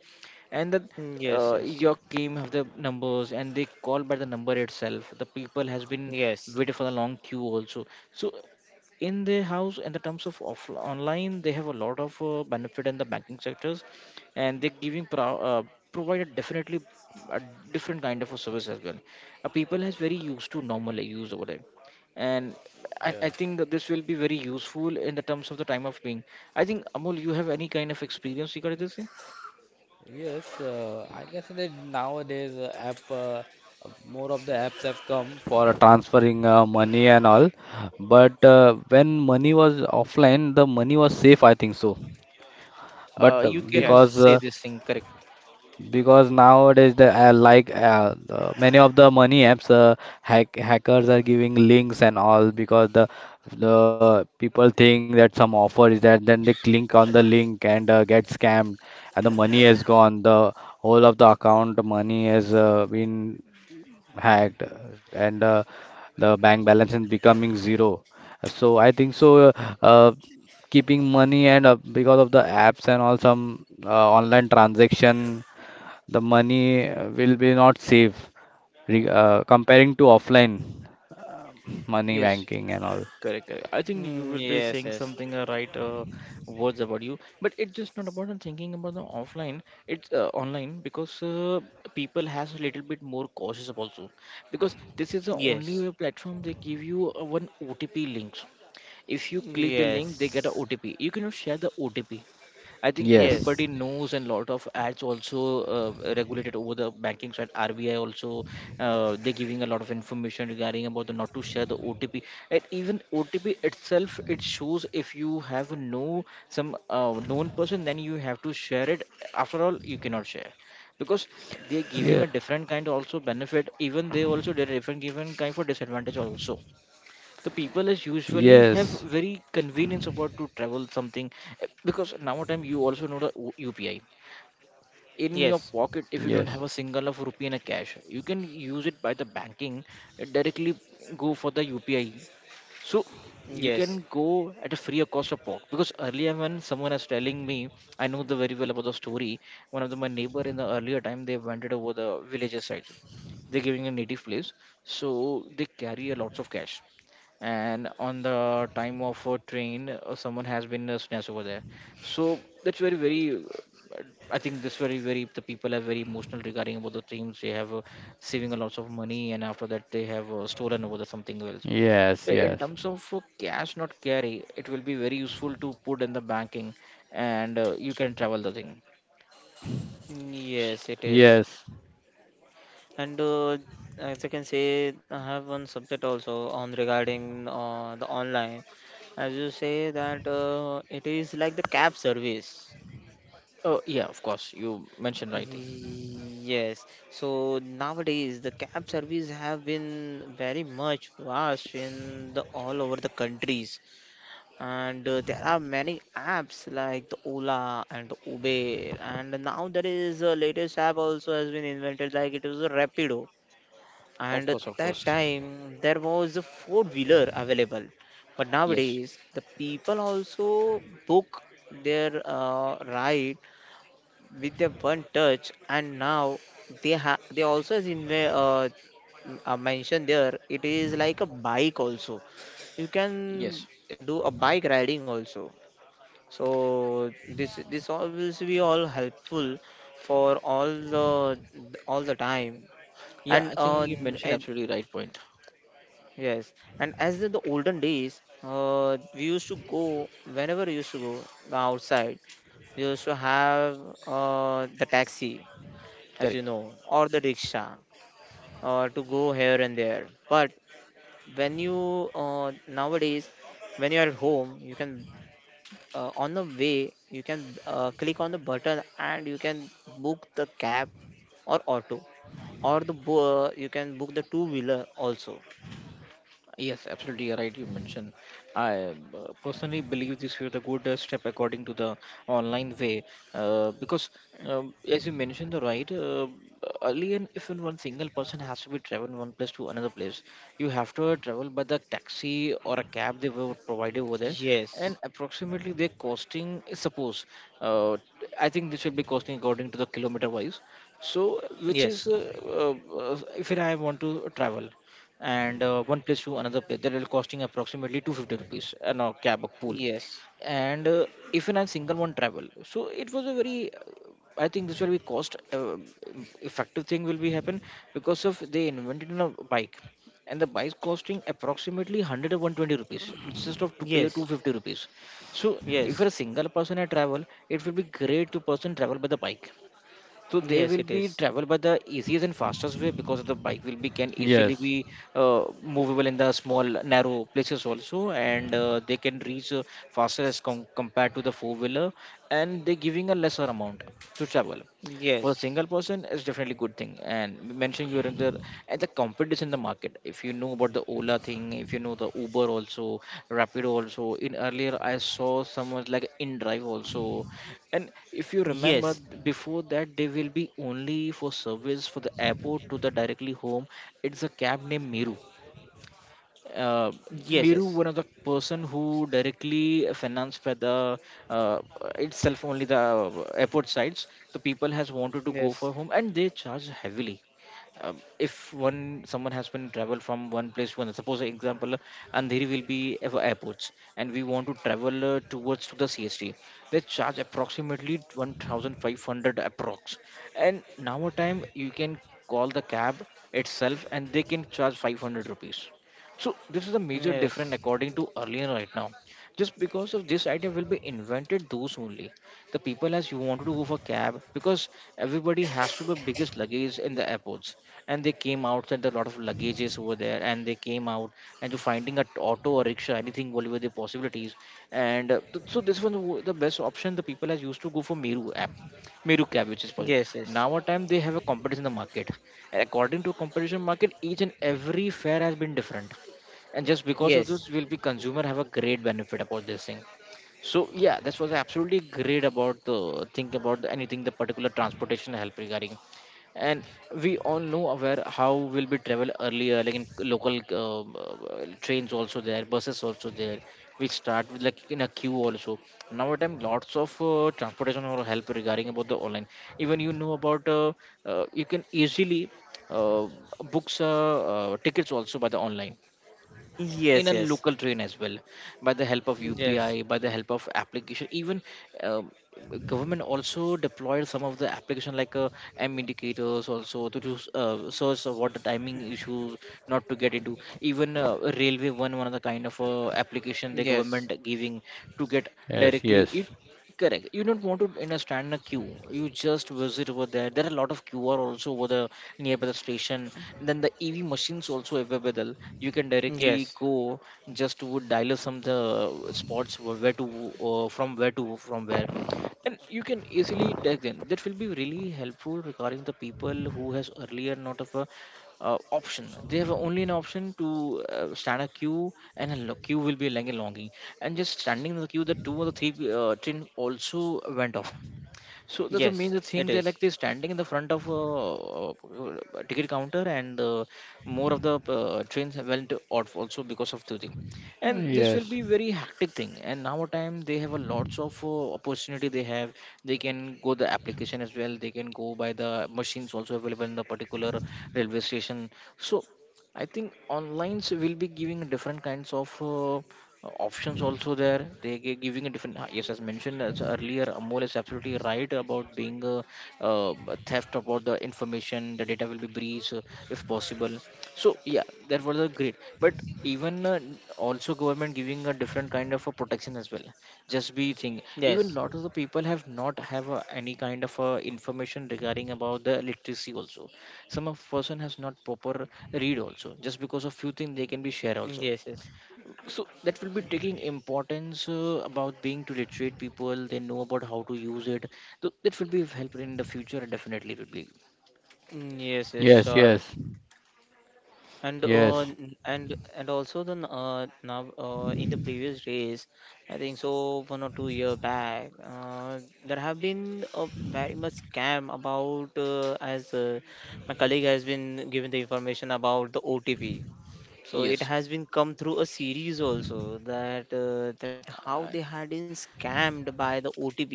Speaker 1: And then
Speaker 2: Mm, yes, yes.
Speaker 1: your team have the numbers and they call by the number itself. The people has been
Speaker 2: Yes.
Speaker 1: waiting for the long queue also. So in their house and the terms of online, they have a lot of benefit in the banking sectors. And they're giving provided definitely a different kind of a service as well. People has very used to normal use over there. And I
Speaker 3: yes.
Speaker 1: think that this will be very useful in the terms of the time of being. I think Amol, you have any kind of experience regarding this?
Speaker 3: Yes, I can say that nowadays app, more of the apps have come for transferring money and all. But when money was offline, the money was safe, I think so. But
Speaker 1: You can
Speaker 2: Yes.
Speaker 1: say this thing correct.
Speaker 3: because nowadays the, like many of the money apps, hackers are giving links and all, because the people think that some offer is that, then they click on the link and get scammed, and the money has gone, the whole of the account money has been hacked, and the bank balance is becoming zero. So I think so, uh, keeping money, and because of the apps and all, some online transaction, the money will be not safe, comparing to offline uh, money
Speaker 1: Yes.
Speaker 3: banking and all.
Speaker 1: Correct, correct. I think you will be
Speaker 2: Yes,
Speaker 1: saying
Speaker 2: yes.
Speaker 1: something right words about you, but it's just not about the thinking about the offline. It's online because people has a little bit more cautious also, because this is the
Speaker 2: Yes.
Speaker 1: only
Speaker 2: Yes.
Speaker 1: way platform. They give you one OTP links. If you click the link, they get a
Speaker 2: Yes.
Speaker 1: OTP. You cannot share the OTP. I think
Speaker 3: Yes.
Speaker 1: everybody knows, and lot of ads also regulated over the banking side. RBI also they're giving a lot of information regarding about the not to share the OTP, and even OTP itself it shows if you have no some known person, then you have to share it. After all, you cannot share because they're giving a
Speaker 3: Yeah.
Speaker 1: different kind also benefit. Even they also did a different given kind for disadvantage also. The people is usually have
Speaker 3: Yes.
Speaker 1: very convenience about to travel something. Eh, because now time you also know the UPI. In your
Speaker 2: Yes.
Speaker 1: pocket, if you don't have a
Speaker 3: Yes.
Speaker 1: single of rupee in a cash, you can use it by the banking, eh, directly go for the UPI. So you can
Speaker 2: Yes.
Speaker 1: go at a freer cost of pork, because earlier when someone was telling me, I know the very well about the story. One of the, my neighbor in the earlier time, they wandered over the villages side. They're giving a native place, so they carry a lots of cash. And on the time of a train, someone has been snatched over there. So that's very very I think this very very the people are very emotional regarding about the things. They have saving a lots of money, and after that they have stolen over the something else. I-
Speaker 3: Yes.
Speaker 1: in
Speaker 3: Yes.
Speaker 1: terms of cash not carry, it will be very useful to put in the banking, and you can travel the thing. S-
Speaker 2: Yes, it is.
Speaker 3: Yes.
Speaker 2: And as I can say, I have one subject also on regarding the online. As you say that it is like the cab service.
Speaker 1: oh yeah, of course, you mentioned right thing.
Speaker 2: Yes. So nowadays the cab service have been very much vast in the all over the countries, and there are many apps like the Ola and Uber, and now there is a latest app also has been invented like it was a Rapido,
Speaker 1: Of
Speaker 2: and at
Speaker 1: course, of
Speaker 2: that
Speaker 1: course.
Speaker 2: time there was a four wheeler available, but
Speaker 1: Yes.
Speaker 2: nowadays the people also book their ride with their one touch. And now they also has in mentioned there it is like a bike also, you can
Speaker 1: Yes.
Speaker 2: do a bike riding also. So this all will be all helpful for all the time.
Speaker 1: Yeah,
Speaker 2: And
Speaker 1: I think you mentioned absolutely right point.
Speaker 2: Yes, and as in the olden days, we used to go whenever we used to go outside. We used to have the taxi, as you
Speaker 1: Correct.
Speaker 2: know, or the rickshaw, to go here and there. But when you nowadays, when you are at home, you can on the way you can click on the button and you can book the cab or auto, or the you can book the two wheeler also.
Speaker 1: Yes, absolutely you're right. You mentioned. I personally believe this is the good step according to the online way, because as you mentioned, the right earlier, if in one single person has to be traveling one place to another place, you have to travel by the taxi or a cab they were provided over there,
Speaker 2: Yes,
Speaker 1: and approximately they're costing. Suppose, uh, I think this will be costing according to the kilometer wise. So, which
Speaker 2: yes,
Speaker 1: is if I want to travel and one place to another place, that will costing approximately 250 rupees and a cab a pool.
Speaker 2: yes.
Speaker 1: And if in a single one travel, so it was a very I think this will be cost effective thing will be happen because of they invented in a bike. And the bike costing approximately 100 or 120 rupees instead of to pay
Speaker 2: Yes,
Speaker 1: 250 rupees. So if
Speaker 2: yes,
Speaker 1: you're a single person at travel, it will be great to person travel by the bike. So they
Speaker 2: yes,
Speaker 1: will
Speaker 2: it
Speaker 1: be
Speaker 2: is.
Speaker 1: travel by the easiest and fastest way, because the bike will be can easily
Speaker 3: Yes.
Speaker 1: be movable in the small narrow places also, and they can reach faster as compared to the four wheeler, and they giving a lesser amount to travel. For a
Speaker 2: Yes,
Speaker 1: single person, it's definitely good thing. And mentioning you're in the and the competition in the market, if you know about the Ola thing, if you know the Uber also, Rapido also, in earlier I saw someone like InDrive also. And if you
Speaker 2: yes,
Speaker 1: remember before that, they will be only for service for the airport to the directly home. It's a cab named Miru. uh,
Speaker 2: yes,
Speaker 1: Miru, one of the person who directly financed by the uh, itself only the airport sides, the people has wanted
Speaker 2: yes,
Speaker 1: to go
Speaker 2: yes,
Speaker 1: for home and they charge heavily. Uh, if one someone has been travel from one place to another, suppose example Andheri will be airports, and we want to travel towards to the CST, they charge approximately 1,500 approx. And now a time you can call the cab itself and they can charge 500 rupees. So this is a major difference
Speaker 2: yes,
Speaker 1: according to earlier right now. Just because of this idea will be invented those only. The people as you wanted to go for cab, because everybody has to be biggest luggage in the airports. And they came out outside a lot of luggages over there and they came out and to finding a auto or rickshaw, anything whatever the possibilities. And so this was the best option the people as used to go for Meru app. Meru cab which is possible.
Speaker 2: yes, yes,
Speaker 1: Now a time they have a competition in the market. According to competition market, each and every fare has been different, and just because of
Speaker 2: yes, yes,
Speaker 1: this will be consumer have a great benefit about this thing. So yeah, that was absolutely great about the think about the anything the particular transportation help regarding. And we all know aware how will be travel earlier like in local trains also there, buses also there. We start with like in a queue also. Nowadays lots of transportation or help regarding about the online. Even you know about you can easily uh, books tickets also by the online in a
Speaker 2: yes,
Speaker 1: local train as well, by the help of UPI, by the help of application. Even um, government also deployed some of the application like M indicators also to do search of what the timing issues, not to get into. Even railway, one of the kind of application the
Speaker 2: yes,
Speaker 1: government giving to get
Speaker 3: Yes. Yes.
Speaker 1: directly
Speaker 3: Yes.
Speaker 1: it. Correct. You don't want to you know, stand in a queue. You just visit over there. There are a lot of QR also over the nearby the station. Then the EV machines also available. You can
Speaker 2: yes,
Speaker 1: directly
Speaker 2: yes,
Speaker 1: go just to dial some of the spots where to from where to, and you can easily dial them. That will be really helpful regarding the people who has earlier not of a option. They have only an option to stand a queue, and a queue will be like a longing, and just standing in the queue the two or the three train also went off, so that's the
Speaker 2: yes,
Speaker 1: main
Speaker 2: it
Speaker 1: thing. They're
Speaker 2: is.
Speaker 1: like they're standing in the front of a, ticket counter, and more of the trains have went off also because of the thing. And this will be very hectic thing. And now time they have a lots of opportunity. They have they can go the application as well. They can go by the machines also available in the particular railway station. So I think online's will be giving different kinds of options also there. They giving a different. Yes, as mentioned as earlier, Amol is absolutely right about being a, uh, theft about the information. The data will be breached if possible. So yeah, that was a great. But even also government giving a different kind of a protection as well. Just be thing.
Speaker 2: Yes,
Speaker 1: Even lot of the people have not have any kind of information regarding about the literacy also. Some of person has not proper read also just because of few things they can be share also.
Speaker 2: yes, yes,
Speaker 1: So that will be taking importance about being to literate people. They know about how to use it, so that will be helpful in the future definitely will be.
Speaker 2: yes, yes,
Speaker 3: Yes.
Speaker 2: sure.
Speaker 3: Yes.
Speaker 2: and uh,
Speaker 3: Yes.
Speaker 2: n- and and also the now in the previous days, I think so 1 or 2 year back. There have been a very much scam about as my colleague has been given the information about the OTP, so it
Speaker 1: Yes.
Speaker 2: has been come through a series also that that how
Speaker 1: uh,
Speaker 2: they had been scammed by the OTP.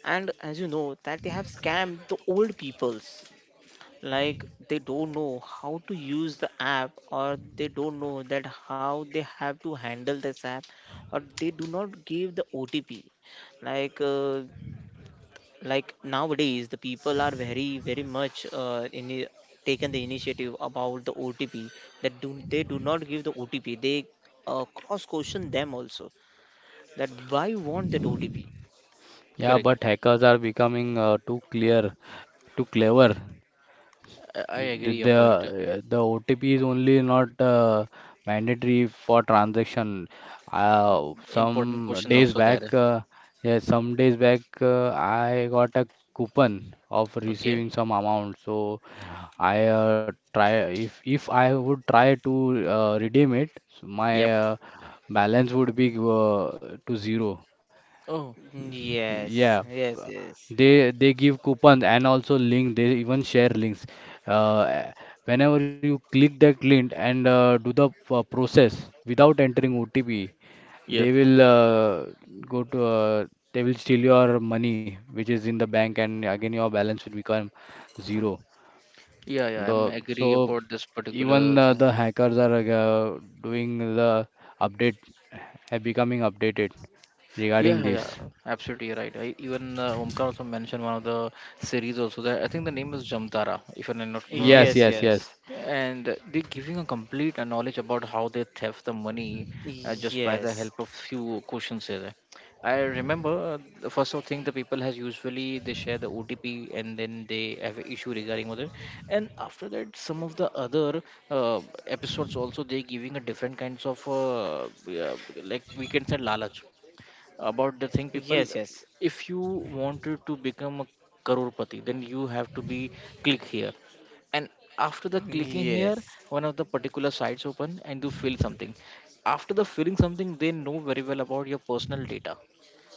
Speaker 2: And as you know that they have scammed the old peoples, like they don't know how to use the app or they don't know that how they have to handle this app, or they do not give the OTP. like uh, like nowadays the people are very very much in taken the initiative about the OTP, that do they do not give the OTP. They cross question them also that why want that OTP.
Speaker 3: Yeah, but
Speaker 1: Correct.
Speaker 3: hackers are becoming too clear, too clever.
Speaker 1: I
Speaker 3: The,
Speaker 1: agree your point.
Speaker 3: the the OTP is only not mandatory for transaction.
Speaker 1: Important
Speaker 3: Some
Speaker 1: question
Speaker 3: days
Speaker 1: also
Speaker 3: back,
Speaker 1: there.
Speaker 3: yeah, some days back, I got a coupon of
Speaker 1: Okay.
Speaker 3: receiving some amount. So I try, if I would try to redeem it, so my
Speaker 1: Yep.
Speaker 3: balance would be, to zero.
Speaker 1: Oh.
Speaker 2: Yes,
Speaker 3: Yeah,
Speaker 2: yes,
Speaker 3: f-
Speaker 2: yes,
Speaker 3: they they give coupons and also link. They even share links. Uh, Whenever you click that link and do the process without entering OTP,
Speaker 1: Yeah.
Speaker 3: they will go to, they will steal your money which is in the bank, and again your balance will become zero.
Speaker 1: Yeah, I'm
Speaker 3: The
Speaker 1: agree
Speaker 3: So
Speaker 1: about this particular
Speaker 3: even
Speaker 1: thing.
Speaker 3: the hackers are doing the update, have becoming updated
Speaker 1: Yeah,
Speaker 3: regarding
Speaker 1: yeah, yeah,
Speaker 3: this.
Speaker 1: absolutely right. I, even Omkar also mentioned one of the series also that I think the name is Jamtara, if I'm not wrong.
Speaker 3: Yes,
Speaker 2: yes, yes,
Speaker 3: yes,
Speaker 2: yes,
Speaker 3: yes.
Speaker 1: And they're giving a complete knowledge about how they theft the money, just by the help
Speaker 2: yes,
Speaker 1: of few questions here. I remember the first of thing the people has usually they share the OTP, and then they have an issue regarding other. And after that, some of the other uh, episodes also they giving a different kinds of yeah, like we can say lalach about the thing
Speaker 2: yes.
Speaker 1: people.
Speaker 2: Yes.
Speaker 1: If you wanted to become a crorepati, then you have to be click here, and after the clicking here
Speaker 2: Yes,
Speaker 1: one of the particular sites open and you fill something. After the filling something, they know very well about your personal data.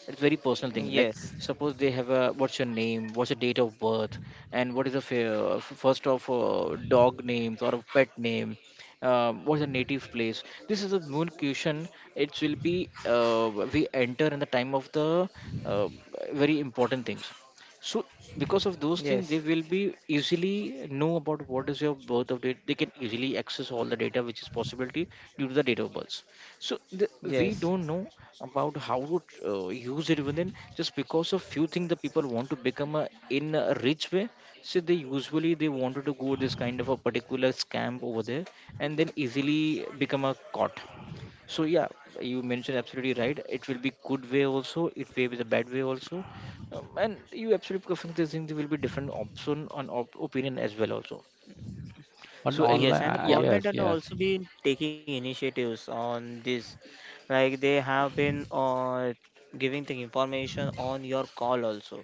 Speaker 1: It's very personal thing like
Speaker 2: yes,
Speaker 1: suppose they have a what's your name, what's your date of birth, and what is the first of dog names or a pet name. What's the native place, this is a moon question. It will be we enter in the time of the uh, very important things. So because of those things they
Speaker 2: yes,
Speaker 1: will be easily know about what is your birth of date. They can easily access all the data which is possibility due to the date of birth. So the, we
Speaker 2: yes,
Speaker 1: don't know about how to use it within just because of few things the people want to become a, in a rich way. So they usually they wanted to go this kind of a particular scam over there and then easily become a caught. So yeah, you mentioned absolutely right. It will be good way also. It may be the bad way also, and you absolutely perfect. This thing there will be different option on opinion as well also. So and
Speaker 2: yes. And the
Speaker 1: yeah,
Speaker 3: Yes,
Speaker 2: government had
Speaker 3: yes,
Speaker 2: also been taking initiatives on this. Like they have been giving the information on your call also.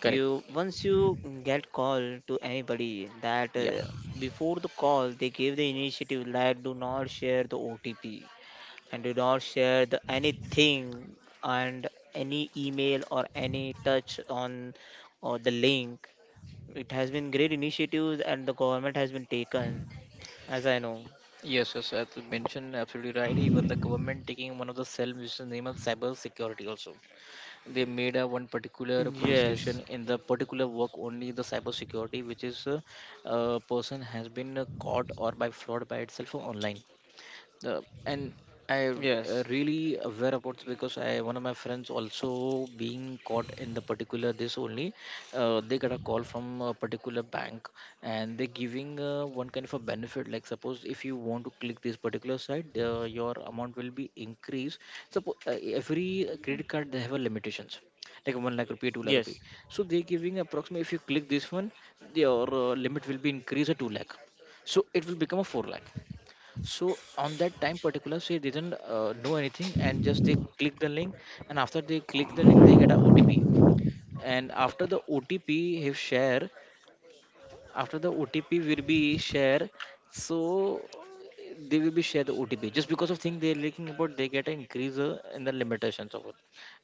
Speaker 1: correct.
Speaker 2: once you get call to anybody, that
Speaker 1: Yeah.
Speaker 2: before the call they give the initiative like do not share the OTP, and do not share the anything, and any email or any touch on or the link. It has been great initiatives and the government has been taken, as I know.
Speaker 1: Yes, yes, as you mentioned, absolutely right. Even the government taking one of the cell which is named as cyber security also. They made a one
Speaker 2: Yes,
Speaker 1: particular police station in the particular work only the cyber security, which is a person has been caught or by fraud by itself online, and
Speaker 2: yes,
Speaker 1: I really aware about this because I one of my friends also being caught in the particular this only. They got a call from a particular bank and they're giving one kind of a benefit, like suppose if you want to click this particular site, your amount will be increased. Suppose every credit card they have a limitations like 1 lakh rupee, 2 lakh
Speaker 2: yes,
Speaker 1: rupee, so they're giving approximately if you click this one, your limit will be increased to 2 lakh, so it will become a 4 lakh. So on that time particular, she didn't know anything and just they click the link, and after they click the link, they get a OTP. And after the OTP, he share, after the OTP will be share, so they will be share the OTP. Just because of thing they're leaking about, they get an increase in the limitations of it,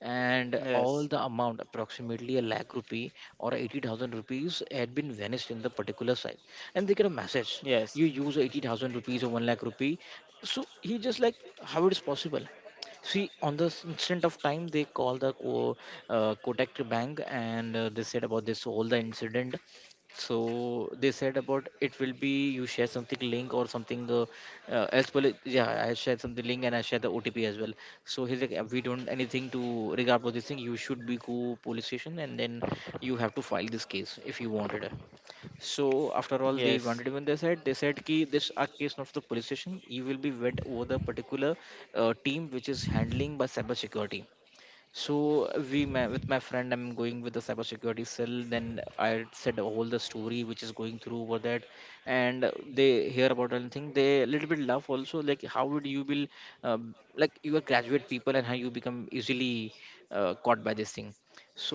Speaker 1: and all
Speaker 2: yes,
Speaker 1: the amount approximately a lakh rupee or 80,000 rupees had been vanished in the particular site, and they get a message:
Speaker 2: yes,
Speaker 1: you use 80,000 rupees or one lakh rupee. So he just like how it is possible. See, on the instant of time, they call the Kotak bank, and they said about this all the incident. So they said about it will be you share something link or something as well. Yeah, I shared something link and I shared the OTP as well. So he's like, we don't anything to regard about this thing. You should be go police station and then you have to file this case if you wanted it. So after all, they
Speaker 2: yes,
Speaker 1: wanted when they said ki this a case not for the police station. You will be went over the particular team which is handling by cyber security. So we my, with my friend, I'm going with the cybersecurity cell. Then I said all the story which is going through over that, and they hear about anything. They a little bit laugh also. Like how would you will, like you are graduate people and how you become easily caught by this thing.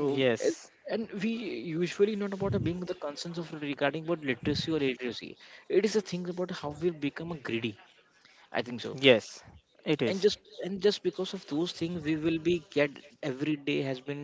Speaker 2: yes,
Speaker 1: it-
Speaker 2: yes.
Speaker 1: and we usually not about the being the concerns of regarding about literacy or illiteracy. It is a thing about how we become a greedy. I think so.
Speaker 2: Yes. It
Speaker 1: And
Speaker 2: is.
Speaker 1: just and just because of those things we will be get every day has been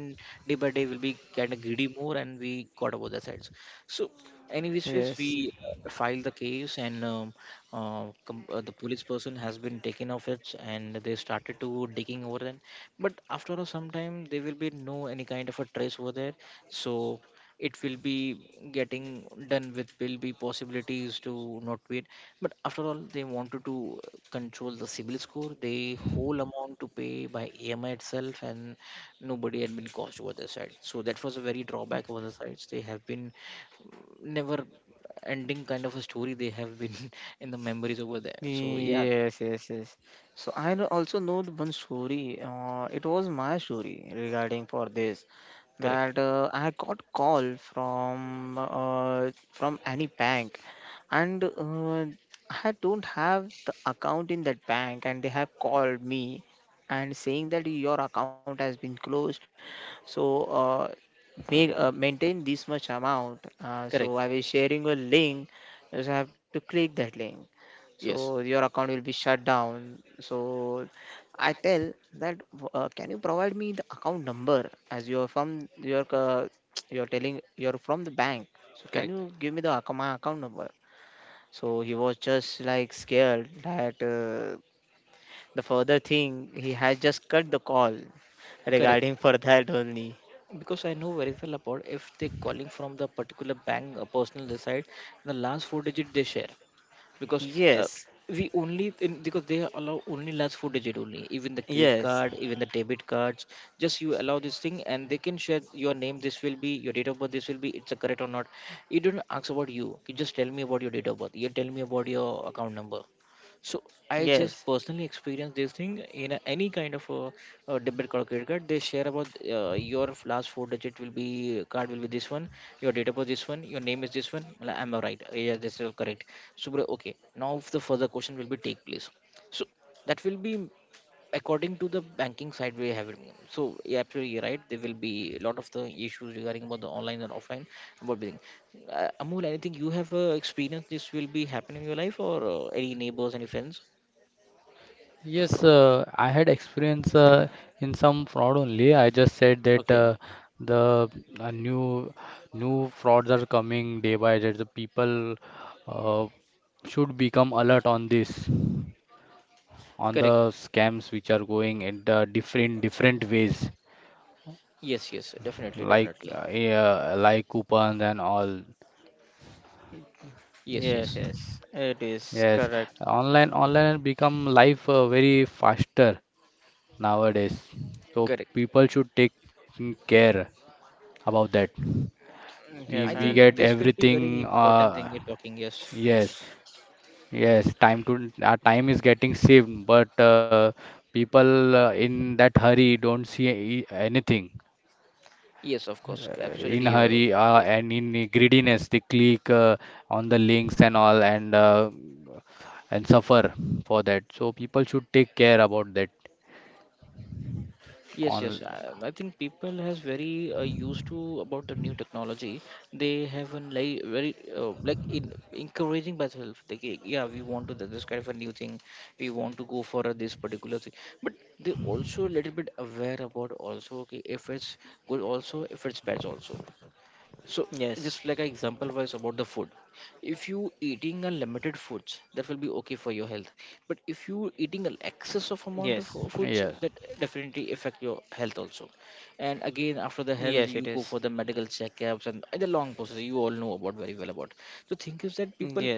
Speaker 1: day by day will be kind of greedy more and we got about the sides. So anyways ways, we
Speaker 2: Yes.
Speaker 1: filed the case and the police person has been taken off it, and they started to digging over then, but after a some time there will be no any kind of a trace over there. So it will be getting done with will be possibilities to not wait, but after all they wanted to control the civil score, the whole amount to pay by AMI itself, and nobody had been caused over their side. So that was a very drawback over the sides they have been, never ending kind of a story they have been in the memories over there. So yeah,
Speaker 2: Yes, yes, yes. So I know, also know the one story. It was my story regarding for this.
Speaker 1: correct,
Speaker 2: That I got call from any bank, and I don't have the account in that bank, and they have called me and saying that your account has been closed. So make maintain this much amount. So I
Speaker 1: correct.
Speaker 2: was sharing a link. You just have to click that link so
Speaker 1: Yes,
Speaker 2: your account will be shut down. So I tell that, can you provide me the account number, as you're from your you're telling you're from the bank, so can
Speaker 1: correct,
Speaker 2: you give me the my account number? So he was just like scared that the further thing he had just cut the call
Speaker 1: correct.
Speaker 2: regarding for that only.
Speaker 1: Because I know very well about if they're calling from the particular bank, a personal side, the last four digit they share. Because uh,
Speaker 2: Yes,
Speaker 1: we only in, because they allow only last four digit only, even the credit
Speaker 2: yes,
Speaker 1: card even the debit cards. Just you allow this thing and they can share your name, this will be your date of birth, this will be it's a correct or not. You don't ask about you, just tell me about your date of birth, you tell me about your account number. So I just
Speaker 2: yes,
Speaker 1: personally experienced this thing in a, any kind of a debit card or credit card. They share about your last four digit will be card will be this one, your data was this one, your name is this one. Well, am I right? Yeah, this is all correct. Subra, okay. Now if the further question will be take place. So that will be according to the banking side we have it. So yeah, absolutely you're right. There will be a lot of the issues regarding about the online and offline about everything. Amul, anything you have experienced this will be happening in your life or any neighbors, any friends?
Speaker 3: yes. I had experience in some fraud only. I just said that
Speaker 1: Okay,
Speaker 3: the, uh, new new frauds are coming day by day. The people uh, should become alert on this, on
Speaker 1: correct.
Speaker 3: the scams which are going in the different different ways,
Speaker 1: Yes, yes, definitely,
Speaker 3: like
Speaker 1: definitely.
Speaker 3: yeah, like coupons and all.
Speaker 1: Yes,
Speaker 2: yes,
Speaker 1: yes,
Speaker 2: yes, it is
Speaker 3: Yes,
Speaker 2: correct.
Speaker 3: online become life very faster nowadays. So
Speaker 1: correct.
Speaker 3: people should take care about that.
Speaker 2: Yes.
Speaker 3: We
Speaker 1: I
Speaker 2: and mm,
Speaker 3: get
Speaker 1: think this will be
Speaker 3: everything.
Speaker 1: very important thing you're talking. Yes,
Speaker 3: Yes, yes. Time to our time is getting saved, but people in that hurry don't see anything.
Speaker 1: yes, of course,
Speaker 3: In
Speaker 1: absolutely.
Speaker 3: hurry and in greediness, they click on the links and all, and suffer for that. So people should take care about that.
Speaker 1: Yes,
Speaker 3: On
Speaker 1: yes. I think people has very used to about the new technology. They have a like very like in encouraging by self. They yeah, we want to do this kind of a new thing. We want to go for this particular thing. But they also a little bit aware about also okay, if it's good also, if it's bad also. So
Speaker 2: yes,
Speaker 1: just like an example was about the food, if you eating unlimited foods that will be okay for your health, but if you eating an
Speaker 2: yes.
Speaker 1: excess
Speaker 3: Yeah.
Speaker 1: of amount of foods, that definitely affect your health also. And
Speaker 2: Yes,
Speaker 1: again
Speaker 2: it
Speaker 1: after the
Speaker 2: is.
Speaker 1: health you go for the medical checkups and the long process you all know about very well about. The thing is that
Speaker 2: Yes,
Speaker 1: people,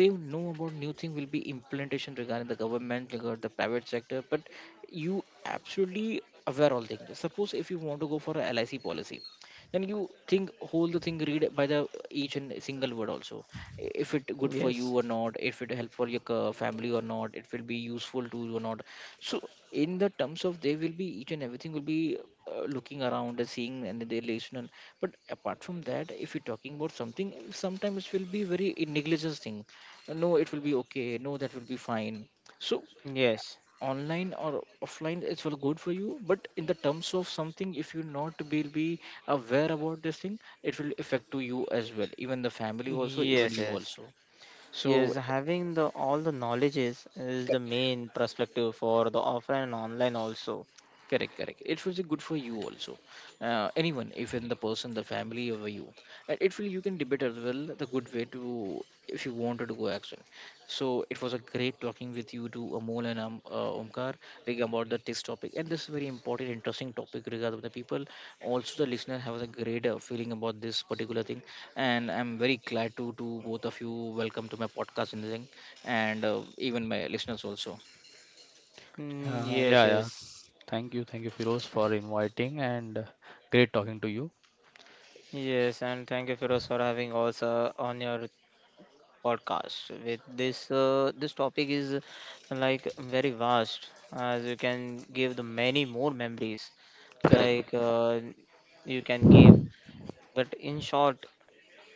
Speaker 1: they know about new thing will be implementation regarding the government regarding the private sector, but you absolutely aware all things. Suppose if you want to go for a lic policy, then you think whole the thing read by the each and single word also, if it good for
Speaker 2: yes,
Speaker 1: you or not, if it help for your family or not, it will be useful to you or not. So in the terms of they will be each and everything will be looking around and seeing, and they listen. But apart from that, if you're talking about something, sometimes it will be very negligence thing. No, it will be okay, no, that will be fine. So
Speaker 2: yes,
Speaker 1: online or offline is well good for you, but in the terms of something if you not will be aware about this thing, it will affect to you as well, even the family also, even
Speaker 2: yes,
Speaker 1: you
Speaker 2: yes.
Speaker 1: also. So
Speaker 2: Yes, having the all the knowledges is the main perspective for the offline and online also.
Speaker 1: correct, correct, it will be good for you also, anyone even the person the family over you. And it will you can debate as well, the good way to, if you wanted to go action. So it was a great talking with you to Amol and Omkar regarding about the this topic, and this is very important interesting topic regarding the people. Also the listener have a great feeling about this particular thing, and I'm very glad to both of you. Welcome to my podcast and the thing, and even my listeners also.
Speaker 3: Yeah,
Speaker 2: Yes,
Speaker 3: yeah,
Speaker 2: yes,
Speaker 3: thank you, thank you, Firoz, for inviting, and great talking to you.
Speaker 2: yes. And thank you, Firoz, for having also on your podcast. With this, this topic is like very vast, as you can give the many more memories.
Speaker 1: Correct.
Speaker 2: Like you can give, but in short,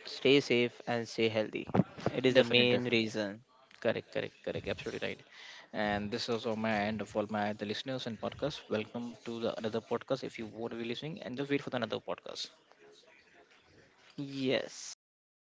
Speaker 2: stay safe and stay healthy. It is the
Speaker 1: Definitely,
Speaker 2: main
Speaker 1: definitely.
Speaker 2: reason.
Speaker 1: Correct, correct, correct. Absolutely right. And this is also my end of all my the listeners and podcast. Welcome to the another podcast. If you want to be listening, and just wait for the another podcast.
Speaker 2: Yes. Thank you.